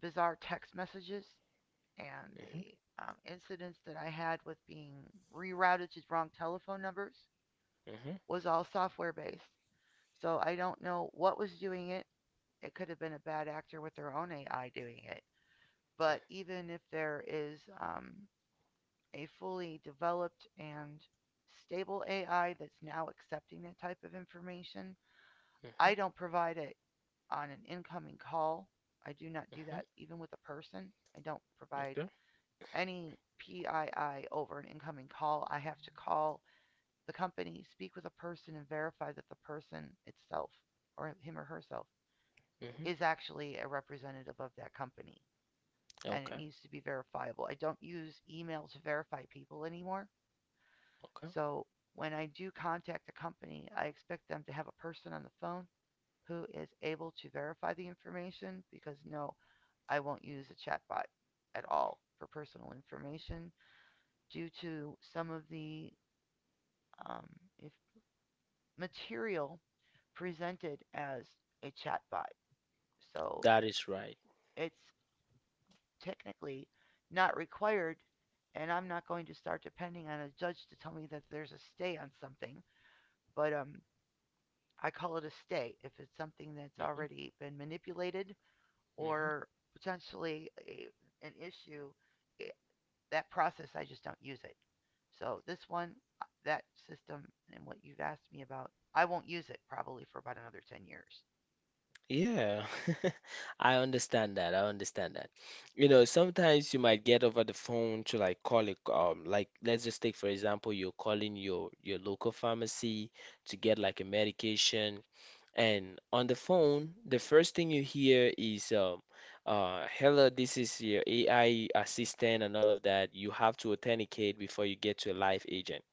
Speaker 2: bizarre text messages and
Speaker 1: Hmm.
Speaker 2: the incidents that I had with being rerouted to wrong telephone numbers
Speaker 1: Hmm.
Speaker 2: was all software based. So I don't know what was doing it. It could have been a bad actor with their own AI doing it. But even if there is a fully developed and stable AI that's now accepting that type of information,
Speaker 1: Hmm.
Speaker 2: I don't provide it on an incoming call. I do not do
Speaker 1: Hmm.
Speaker 2: that even with a person. I don't provide
Speaker 1: Okay.
Speaker 2: any PII over an incoming call. I have to call the company, speak with a person, and verify that the person itself or him or herself
Speaker 1: Hmm.
Speaker 2: is actually a representative of that company. And it
Speaker 1: Okay.
Speaker 2: needs to be verifiable. I don't use email to verify people anymore.
Speaker 1: Okay.
Speaker 2: So when I do contact a company, I expect them to have a person on the phone who is able to verify the information because no, I won't use a chatbot at all for personal information due to some of the um, if material presented as a chatbot. So
Speaker 1: That is right.
Speaker 2: it's technically not required, and I'm not going to start depending on a judge to tell me that there's a stay on something, but I call it a stay if it's something that's
Speaker 1: Hmm.
Speaker 2: already been manipulated
Speaker 1: Hmm.
Speaker 2: or potentially an issue. i- that process, I just don't use it. So this one, that system, and what you've asked me about, I won't use it probably for about another 10 years.
Speaker 1: Yeah, [laughs] I understand that. I understand that. You know, sometimes you might get over the phone to like call it, like let's just take for example, you're calling your local pharmacy to get like a medication, and on the phone, the first thing you hear is, hello, this is your AI assistant and all of that. You have to authenticate before you get to a live agent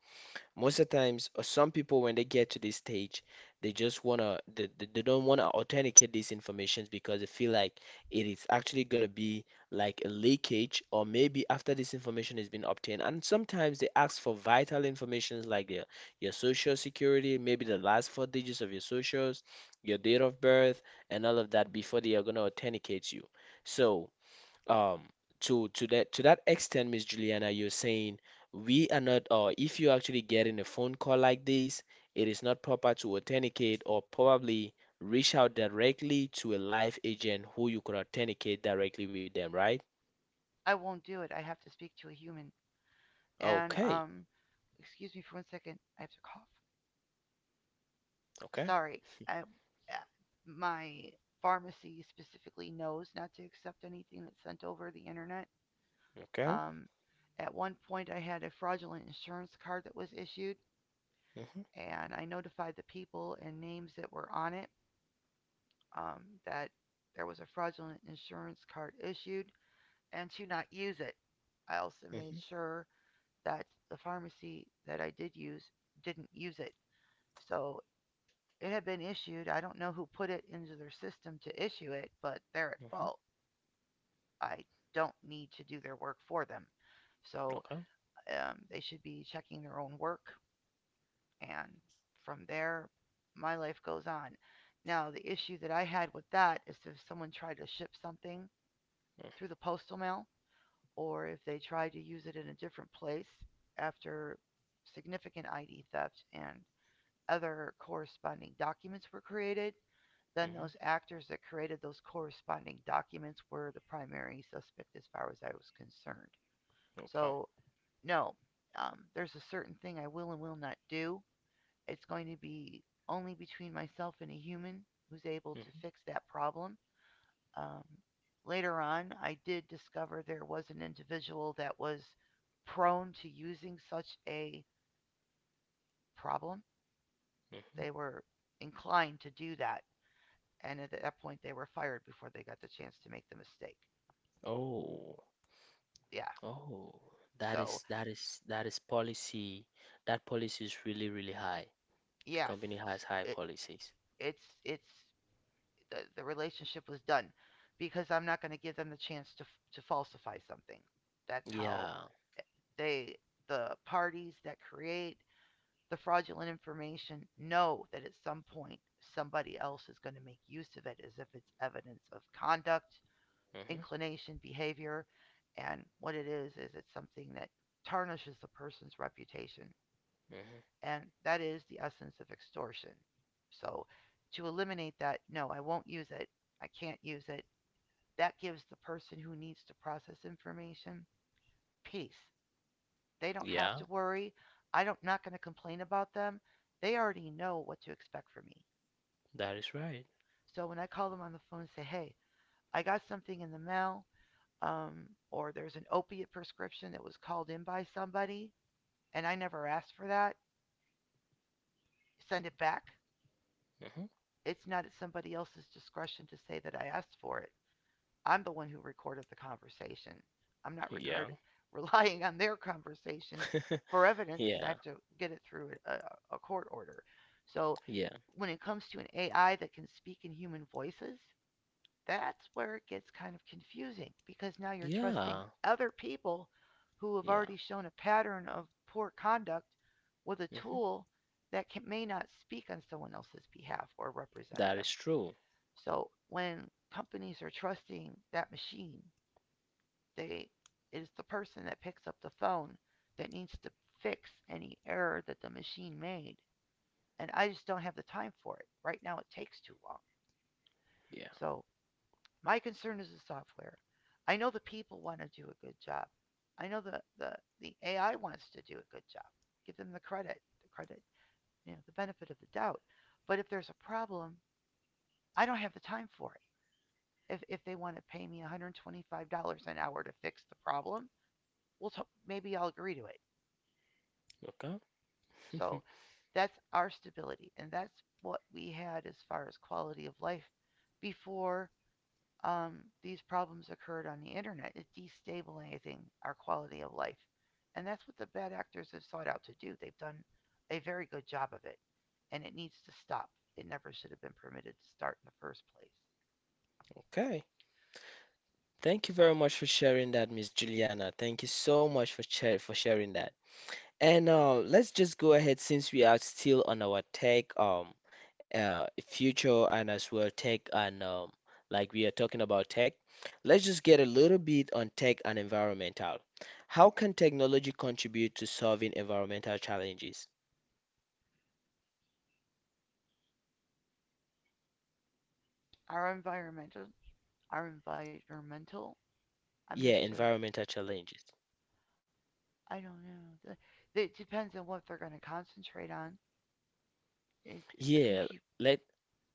Speaker 1: most of the times, some people when they get to this stage, they just wanna they don't wanna authenticate these informations because they feel like it is actually gonna be like a leakage or maybe after this information has been obtained. And sometimes they ask for vital information like your social security, maybe the last four digits of your socials, your date of birth, and all of that before they are gonna authenticate you. So um to that extent, Miss Juliana, you're saying we are not, or if you're actually getting a phone call like this, it is not proper to authenticate or probably reach out directly to a live agent who you could authenticate directly with them, right?
Speaker 2: I won't do it. I have to speak to a human. And
Speaker 1: Okay,
Speaker 2: excuse me for one second. I have to cough.
Speaker 1: okay,
Speaker 2: Sorry. I, uh, my pharmacy specifically knows not to accept anything that's sent over the internet.
Speaker 1: okay.
Speaker 2: Um, at one point, I had a fraudulent insurance card that was issued,
Speaker 1: Mm-hmm,
Speaker 2: and I notified the people and names that were on it that there was a fraudulent insurance card issued and to not use it. I also made
Speaker 1: mm-hmm,
Speaker 2: sure that the pharmacy that I did use didn't use it. So it had been issued. I don't know who put it into their system to issue it, but they're at
Speaker 1: mm-hmm,
Speaker 2: fault. I don't need to do their work for them. So
Speaker 1: okay,
Speaker 2: they should be checking their own work. And from there, my life goes on. Now, the issue that I had with that is if someone tried to ship something
Speaker 1: mm-hmm,
Speaker 2: through the postal mail or if they tried to use it in a different place after significant ID theft and other corresponding documents were created, then
Speaker 1: mm-hmm.
Speaker 2: those actors that created those corresponding documents were the primary suspect as far as I was concerned.
Speaker 1: okay,
Speaker 2: So, no, there's a certain thing I will and will not do. It's going to be only between myself and a human who's able to
Speaker 1: mm-hmm,
Speaker 2: fix that problem. Um, later on, I did discover there was an individual that was prone to using such a problem.
Speaker 1: mm-hmm.
Speaker 2: They were inclined to do that. And at that point they were fired before they got the chance to make the mistake.
Speaker 1: Oh,
Speaker 2: Yeah.
Speaker 1: oh, that
Speaker 2: So
Speaker 1: is policy. That policy is really, really high. The
Speaker 2: yes,
Speaker 1: company has high
Speaker 2: it
Speaker 1: policies.
Speaker 2: it's the relationship was done because I'm not going to give them the chance to falsify something. That's how
Speaker 1: Yeah.
Speaker 2: they the parties that create the fraudulent information know that at some point somebody else is going to make use of it as if it's evidence of conduct,
Speaker 1: Mhm.
Speaker 2: inclination, behavior, and what it is it's something that tarnishes the person's reputation.
Speaker 1: Mhm.
Speaker 2: And that is the essence of extortion. So to eliminate that, no, I won't use it. I can't use it. That gives the person who needs to process information peace. They don't have
Speaker 1: Yeah,
Speaker 2: to worry. I don't not going to complain about them. They already know what to expect from me.
Speaker 1: that is right.
Speaker 2: So when I call them on the phone and say, "Hey, I got something in the mail, or there's an opiate prescription that was called in by somebody, and I never asked for that. Send it back."
Speaker 1: Mhm.
Speaker 2: It's not at somebody else's discretion to say that I asked for it. I'm the one who recorded the conversation. I'm not
Speaker 1: Yeah.
Speaker 2: recorded, [laughs] relying on their conversation
Speaker 1: [laughs]
Speaker 2: for evidence because I
Speaker 1: Yeah.
Speaker 2: have to get it through a court order. So
Speaker 1: Yeah.
Speaker 2: when it comes to an AI that can speak in human voices, that's where it gets kind of confusing because now you're trusting
Speaker 1: Yeah.
Speaker 2: other people who have
Speaker 1: Yeah.
Speaker 2: already shown a pattern of poor conduct with a
Speaker 1: Mhm.
Speaker 2: tool that can, may not speak on someone else's behalf or represent
Speaker 1: That
Speaker 2: them.
Speaker 1: is true.
Speaker 2: So when companies are trusting that machine, they it is the person that picks up the phone that needs to fix any error that the machine made. And I just don't have the time for it. Right now it takes too long.
Speaker 1: Yeah.
Speaker 2: So my concern is the software. I know the people want to do a good job. I know the AI wants to do a good job. Give them the credit, the benefit of the doubt. But if there's a problem, I don't have the time for it. If they want to pay me $125 an hour to fix the problem, we'll t- maybe I'll agree to it.
Speaker 1: Okay. [laughs]
Speaker 2: So that's our stability, and that's what we had as far as quality of life before these problems occurred on the internet. It's destabilizing our quality of life, and that's what the bad actors have sought out to do. They've done a very good job of it, and it needs to stop. It never should have been permitted to start in the first place.
Speaker 1: Okay. Thank you
Speaker 2: So
Speaker 1: very much for sharing that, Miss Juliana. Thank you so much for share for sharing that. And let's just go ahead since we are still on our tech future and as well tech and like we are talking about tech, let's just get a little bit on tech and environmental. How can technology contribute to solving environmental challenges?
Speaker 2: our environmental our environmental I'm not
Speaker 1: Yeah,
Speaker 2: sure.
Speaker 1: environmental challenges.
Speaker 2: I don't know. It depends on what they're going to concentrate on. The
Speaker 1: Yeah,
Speaker 2: compute.
Speaker 1: let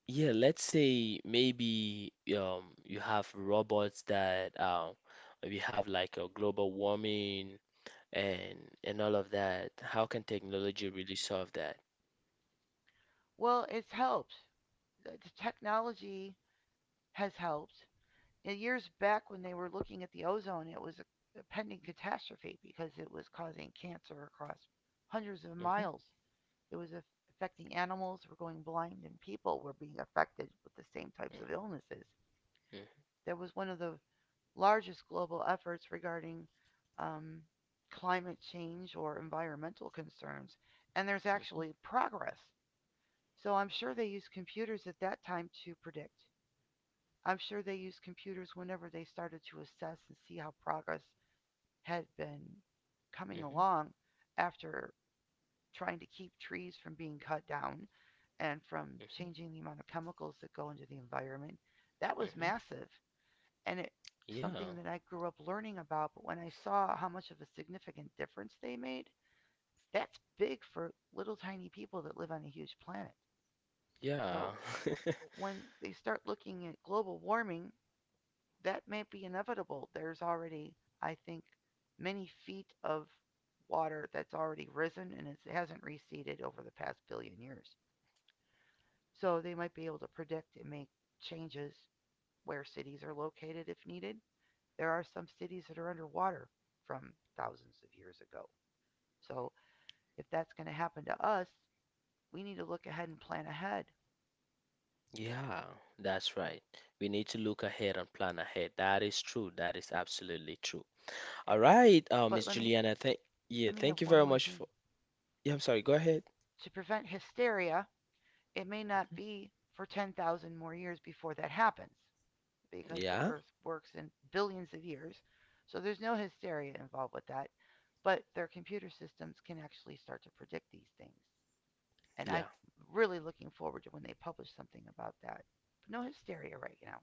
Speaker 1: yeah, let's say maybe you have robots that we have like a global warming and and all of that. How can technology really solve that?
Speaker 2: Well, it's helped. The technology has helped. Years back, when they were looking at the ozone, it was a pending catastrophe because it was causing cancer across hundreds of
Speaker 1: Mm-hmm.
Speaker 2: miles. It was a- affecting animals. Were going blind, and people were being affected with the same types of illnesses.
Speaker 1: Hmm.
Speaker 2: That was one of the largest global efforts regarding um, climate change or environmental concerns. And there's
Speaker 1: Hmm.
Speaker 2: actually progress. So I'm sure they used computers at that time to predict. I'm sure they used computers whenever they started to assess and see how progress had been coming
Speaker 1: Hmm.
Speaker 2: along after trying to keep trees from being cut down and from
Speaker 1: Hmm.
Speaker 2: changing the amount of chemicals that go into the environment. That was
Speaker 1: Hmm.
Speaker 2: massive and it was something
Speaker 1: Yeah.
Speaker 2: that I grew up learning about. But when I saw how much of a significant difference they made, that's big for little tiny people that live on a huge planet.
Speaker 1: Yeah.
Speaker 2: So
Speaker 1: [laughs]
Speaker 2: when they start looking at global warming, that may be inevitable. There's already, I think, many feet of water that's already risen and it hasn't receded over the past billion years. So they might be able to predict and make changes where cities are located if needed. There are some cities that are underwater from thousands of years ago. So if that's going to happen to us, we need to look ahead and plan ahead.
Speaker 1: Yeah, that's right. We need to look ahead and plan ahead. That is true. That is absolutely true. All right, Miss
Speaker 2: But let me
Speaker 1: Juliana,
Speaker 2: have
Speaker 1: thank you
Speaker 2: one
Speaker 1: very
Speaker 2: more
Speaker 1: much
Speaker 2: thing.
Speaker 1: for yeah, I'm sorry, go ahead.
Speaker 2: To prevent hysteria, it may not be for 10,000 more years before that happens because the
Speaker 1: Yeah,
Speaker 2: earth works in billions of years. So there's no hysteria involved with that, but their computer systems can actually start to predict these things. And
Speaker 1: yeah.
Speaker 2: I'm really looking forward to when they publish something about that. But no hysteria right now.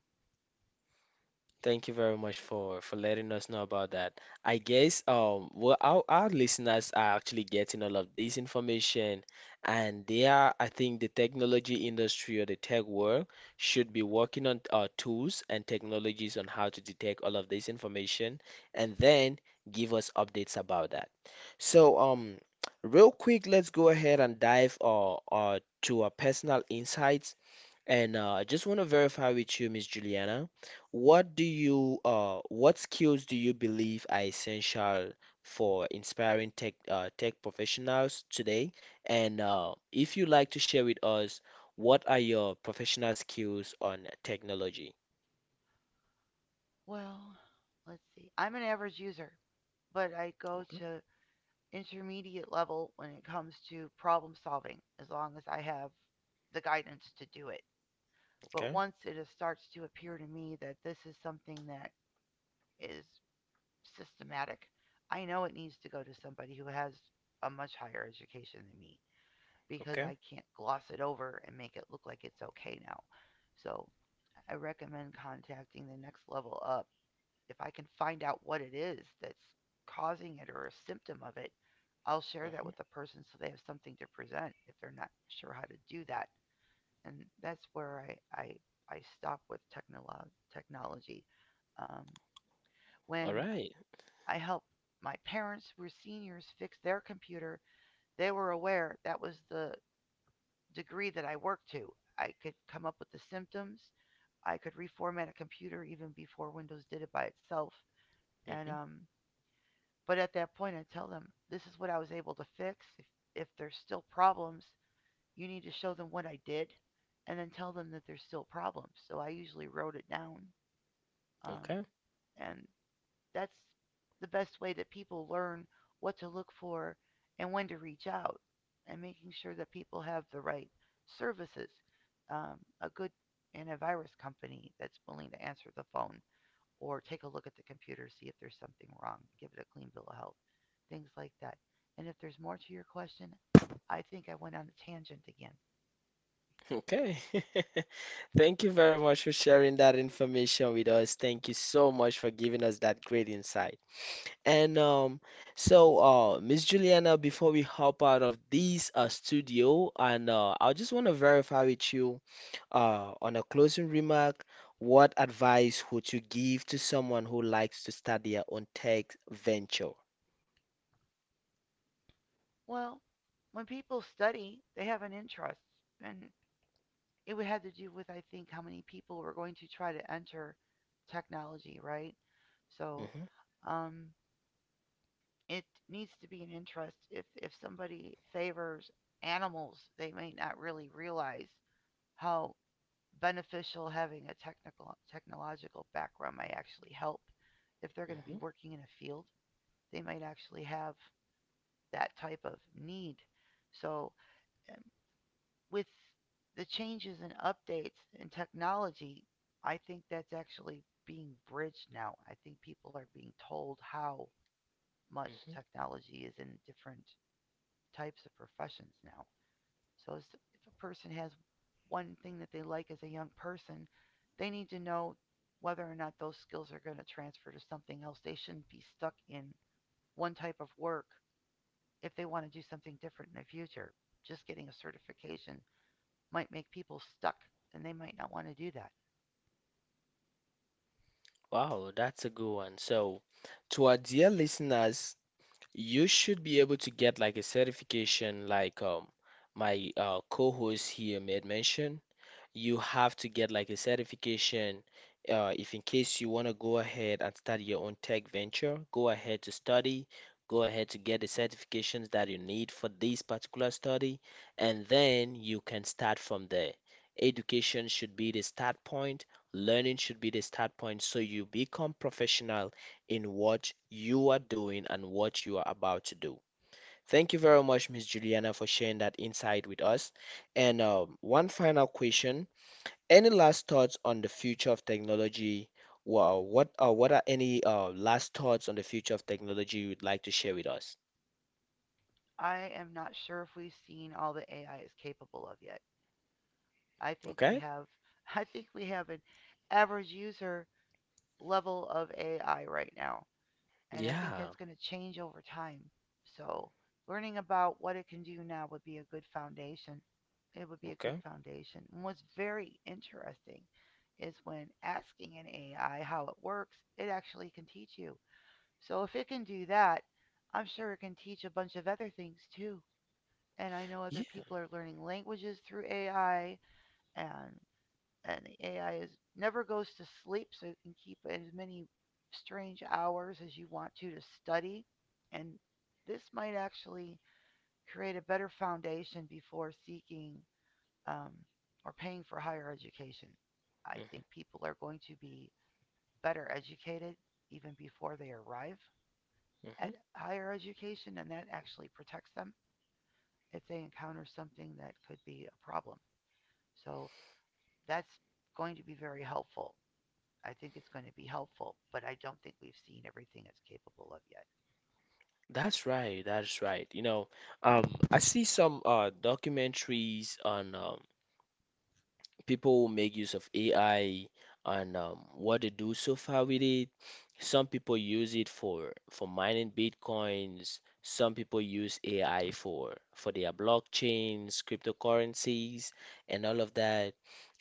Speaker 1: Thank you very much for letting us know about that. I guess well our listeners are actually getting all of this information and they are, I think, the technology industry or the tech world should be working on tools and technologies on how to detect all of this information and then give us updates about that. So real quick, let's go ahead and dive to our personal insights, and I just want to verify with you, Miss Juliana, what skills do you believe are essential for inspiring tech professionals today? And if you'd like to share with us, what are your professional skills on technology?
Speaker 2: Well, let's see. I'm an average user, but I go
Speaker 1: Okay.
Speaker 2: to intermediate level when it comes to problem solving as long as I have the guidance to do it. But
Speaker 1: Okay,
Speaker 2: once it starts to appear to me that this is something that is systematic, I know it needs to go to somebody who has a much higher education than me because
Speaker 1: okay.
Speaker 2: I can't gloss it over and make it look like it's okay now. So I recommend contacting the next level up if I can find out what it is that's causing it or a symptom of it, I'll share that
Speaker 1: Mhm.
Speaker 2: with the person so they have something to present if they're not sure how to do that. And that's where I, I, I stop with technology. Um,
Speaker 1: All
Speaker 2: when
Speaker 1: right.
Speaker 2: I helped my parents, who were seniors, fix their computer, they were aware that was the degree that I worked to. I could come up with the symptoms. I could reformat a computer even before Windows did it by itself. And
Speaker 1: Mhm.
Speaker 2: But at that point, I tell them this is what I was able to fix. If there's still problems, you need to show them what I did and then tell them that there's still problems. So I usually wrote it down. Um,
Speaker 1: Okay,
Speaker 2: and that's the best way that people learn what to look for and when to reach out and making sure that people have the right services. A good antivirus company that's willing to answer the phone or take a look at the computer, see if there's something wrong, give it a clean bill of health, things like that. And if there's more to your question, I think I went on a tangent again.
Speaker 1: okay. [laughs] Thank you very much for sharing that information with us. Thank you so much for giving us that great insight. And so, Miss Juliana, before we hop out of this studio, and I just want to verify with you on a closing remark, what advice would you give to someone who likes to start their own tech venture?
Speaker 2: Well, when people study, they have an interest. And it would have to do with, I think, how many people were going to try to enter technology, right? So
Speaker 1: Hmm.
Speaker 2: um, it needs to be an interest. If somebody favors animals, they may not really realize how beneficial having a technical technological background might actually help. If they're going to be
Speaker 1: Hmm.
Speaker 2: working in a field, they might actually have that type of need. So um, with the changes and updates in technology, I think that's actually being bridged now. I think people are being told how much
Speaker 1: Hmm.
Speaker 2: technology is in different types of professions now. So if a person has one thing that they like as a young person, they need to know whether or not those skills are going to transfer to something else. They shouldn't be stuck in one type of work if they want to do something different in the future. Just getting a certification might make people stuck and they might not want to do that.
Speaker 1: Wow, that's a good one. So, to our dear listeners, you should be able to get like a certification, like my co-host here made mention. You have to get like a certification. If in case you want to go ahead and start your own tech venture, go ahead to study, go ahead to get the certifications that you need for this particular study, and then you can start from there. Education should be the start point, learning should be the start point, so you become professional in what you are doing and what you are about to do. Thank you very much, Miss Juliana, for sharing that insight with us. And one final question. Any last thoughts on the future of technology? Well, what are any last thoughts on the future of technology you'd like to share with us?
Speaker 2: I am not sure if we've seen all that AI is capable of yet. I think we
Speaker 1: Okay?
Speaker 2: have [laughs] I think we have an average user level of AI right now. And I think
Speaker 1: Yeah.
Speaker 2: that's going to change over time. So, learning about what it can do now would be a good foundation. It would be a good
Speaker 1: Okay.
Speaker 2: foundation. And what's very interesting is when asking an AI how it works, it actually can teach you. So, if it can do that, I'm sure it can teach a bunch of other things too. And I know other
Speaker 1: Yeah.
Speaker 2: people are learning languages through AI and the AI is never goes to sleep, so you can keep as many strange hours as you want to study. And this might actually create a better foundation before seeking um, or paying for higher education. I think
Speaker 1: Hmm.
Speaker 2: people are going to be better educated even before they arrive
Speaker 1: Hmm.
Speaker 2: at higher education, and that actually protects them if they encounter something that could be a problem. So that's going to be very helpful. I think it's going to be helpful, but I don't think we've seen everything it's capable of yet.
Speaker 1: That's right. That's right. You know, um, I see some documentaries on people will make use of AI and what they do so far with it. Some people use it for mining bitcoins. Some people use AI for their blockchains, cryptocurrencies, and all of that.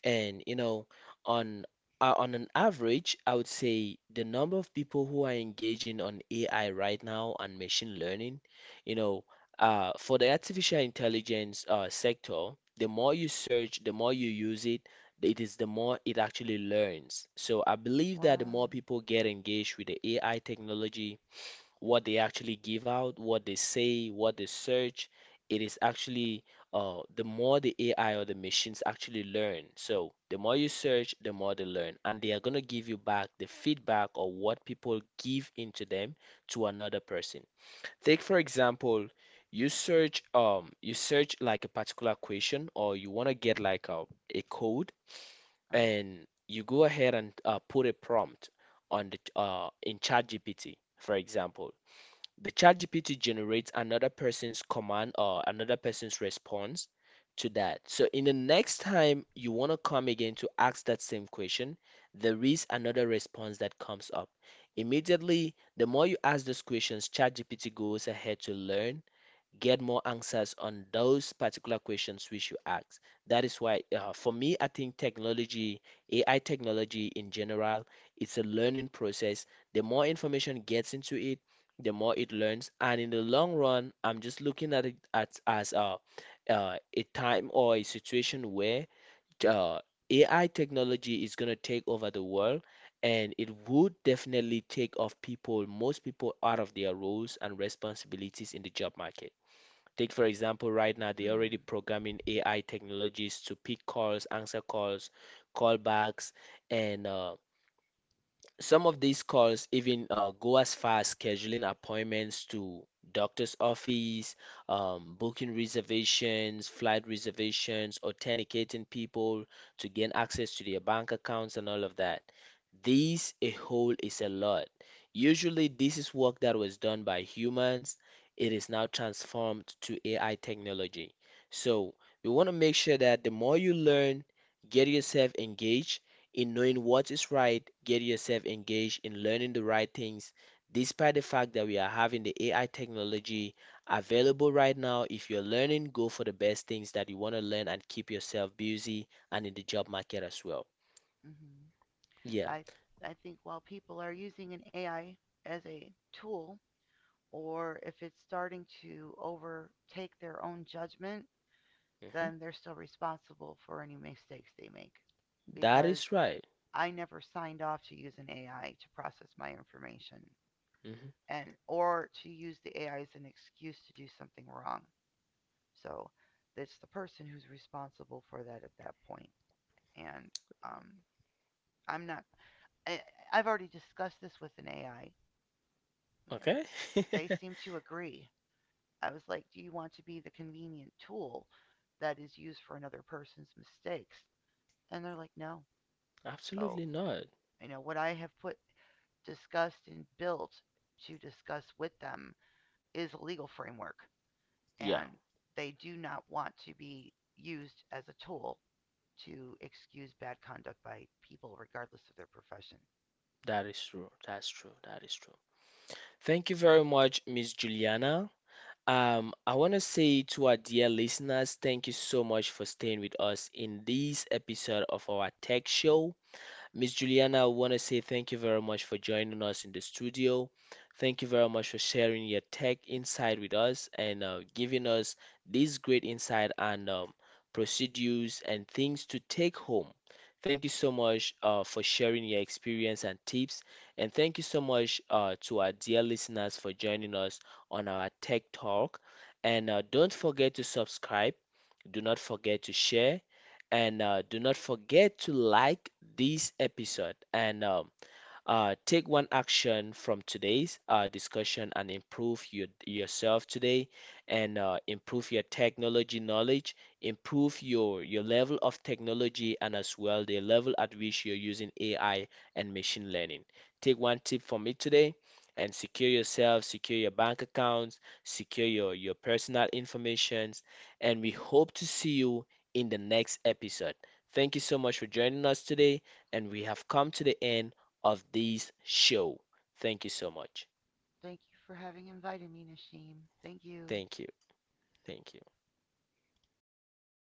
Speaker 1: And you know, on on an average, I would say the number of people who are engaging on AI right now and machine learning, you know, for the artificial intelligence sector, the more you search, the more you use it, it is the more it actually learns. So I believe that the
Speaker 2: Wow.
Speaker 1: more people get engaged with the AI technology, what they actually give out, what they say, what they search, it is actually the more the AI or the machines actually learn. So the more you search, the more they learn, and they are gonna give you back the feedback or what people give into them to another person. Take for example, you search like a particular question, or you want to get like a code,
Speaker 2: Uh,
Speaker 1: and you go ahead and put a prompt on the in ChatGPT, for example. The ChatGPT generates another person's command or another person's response to that. So in the next time you want to come again to ask that same question, there is another response that comes up immediately. The more you ask those questions, ChatGPT goes ahead to learn, get more answers on those particular questions which you ask. That is why, for me, I think technology, AI technology in general, it's a learning process. The more information gets into it, the more it learns. And in the long run, I'm just looking at it as a time or a situation where uh, AI technology is going to take over the world. And it would definitely take off people, most people, out of their roles and responsibilities in the job market. Take, for example, right now, they're already
Speaker 2: hmm.
Speaker 1: programming AI technologies to pick calls, answer calls, callbacks, and some of these calls even go as far as scheduling appointments to doctor's office, booking reservations, flight reservations, authenticating people to gain access to their bank accounts and all of that. This a whole is a lot. Usually, this is work that was done by humans. It is now transformed to AI technology. So, we want to make sure that the more you learn, get yourself engaged in knowing what is right, get yourself engaged in learning the right things, despite the fact that we are having the AI technology available right now. If you're learning, go for the best things that you want to learn and keep yourself busy and in the job market as well.
Speaker 2: Mm-hmm.
Speaker 1: Yeah,
Speaker 2: I I think while people are using an AI as a tool, or if it's starting to overtake their own judgment,
Speaker 1: hmm,
Speaker 2: then they're still responsible for any mistakes they make.
Speaker 1: that
Speaker 2: Because
Speaker 1: is right.
Speaker 2: I never signed off to use an AI to process my information
Speaker 1: Hmm.
Speaker 2: and or to use the AI as an excuse to do something wrong. So that's the person who's responsible for that at that point. And um, I'm not. I, I've already discussed this with an AI, and
Speaker 1: Okay,
Speaker 2: they seem
Speaker 1: [laughs]
Speaker 2: to agree. I was like, "Do you want to be the convenient tool that is used for another person's mistakes?" And they're like, "No." So
Speaker 1: absolutely not.
Speaker 2: you know what I have put discussed and built to discuss with them is a legal framework,
Speaker 1: Yeah,
Speaker 2: and they do not want to be used as a tool to excuse bad conduct by people regardless of their profession.
Speaker 1: that is true. That's true. That is true. Thank you very much, Miss Juliana. I want to say to our dear listeners, thank you so much for staying with us in this episode of our tech show. Miss Juliana, I want to say thank you very much for joining us in the studio. Thank you very much for sharing your tech insight with us and giving us this great insight and procedures and things to take home. Thank you so much for sharing your experience and tips. And thank you so much to our dear listeners for joining us on our Tech Talk. And don't forget to subscribe, do not forget to share, and do not forget to like this episode. And take one action from today's discussion and improve yourself today and improve your technology knowledge, improve your level of technology and as well the level at which you're using AI and machine learning. Take one tip from me today and secure yourself, secure your bank accounts, secure your personal information, and we hope to see you in the next episode. Thank you so much for joining us today, and we have come to the end of this show. Thank you so much.
Speaker 2: Thank you for having invited me, Nashim. Thank you.
Speaker 1: Thank you. Thank you.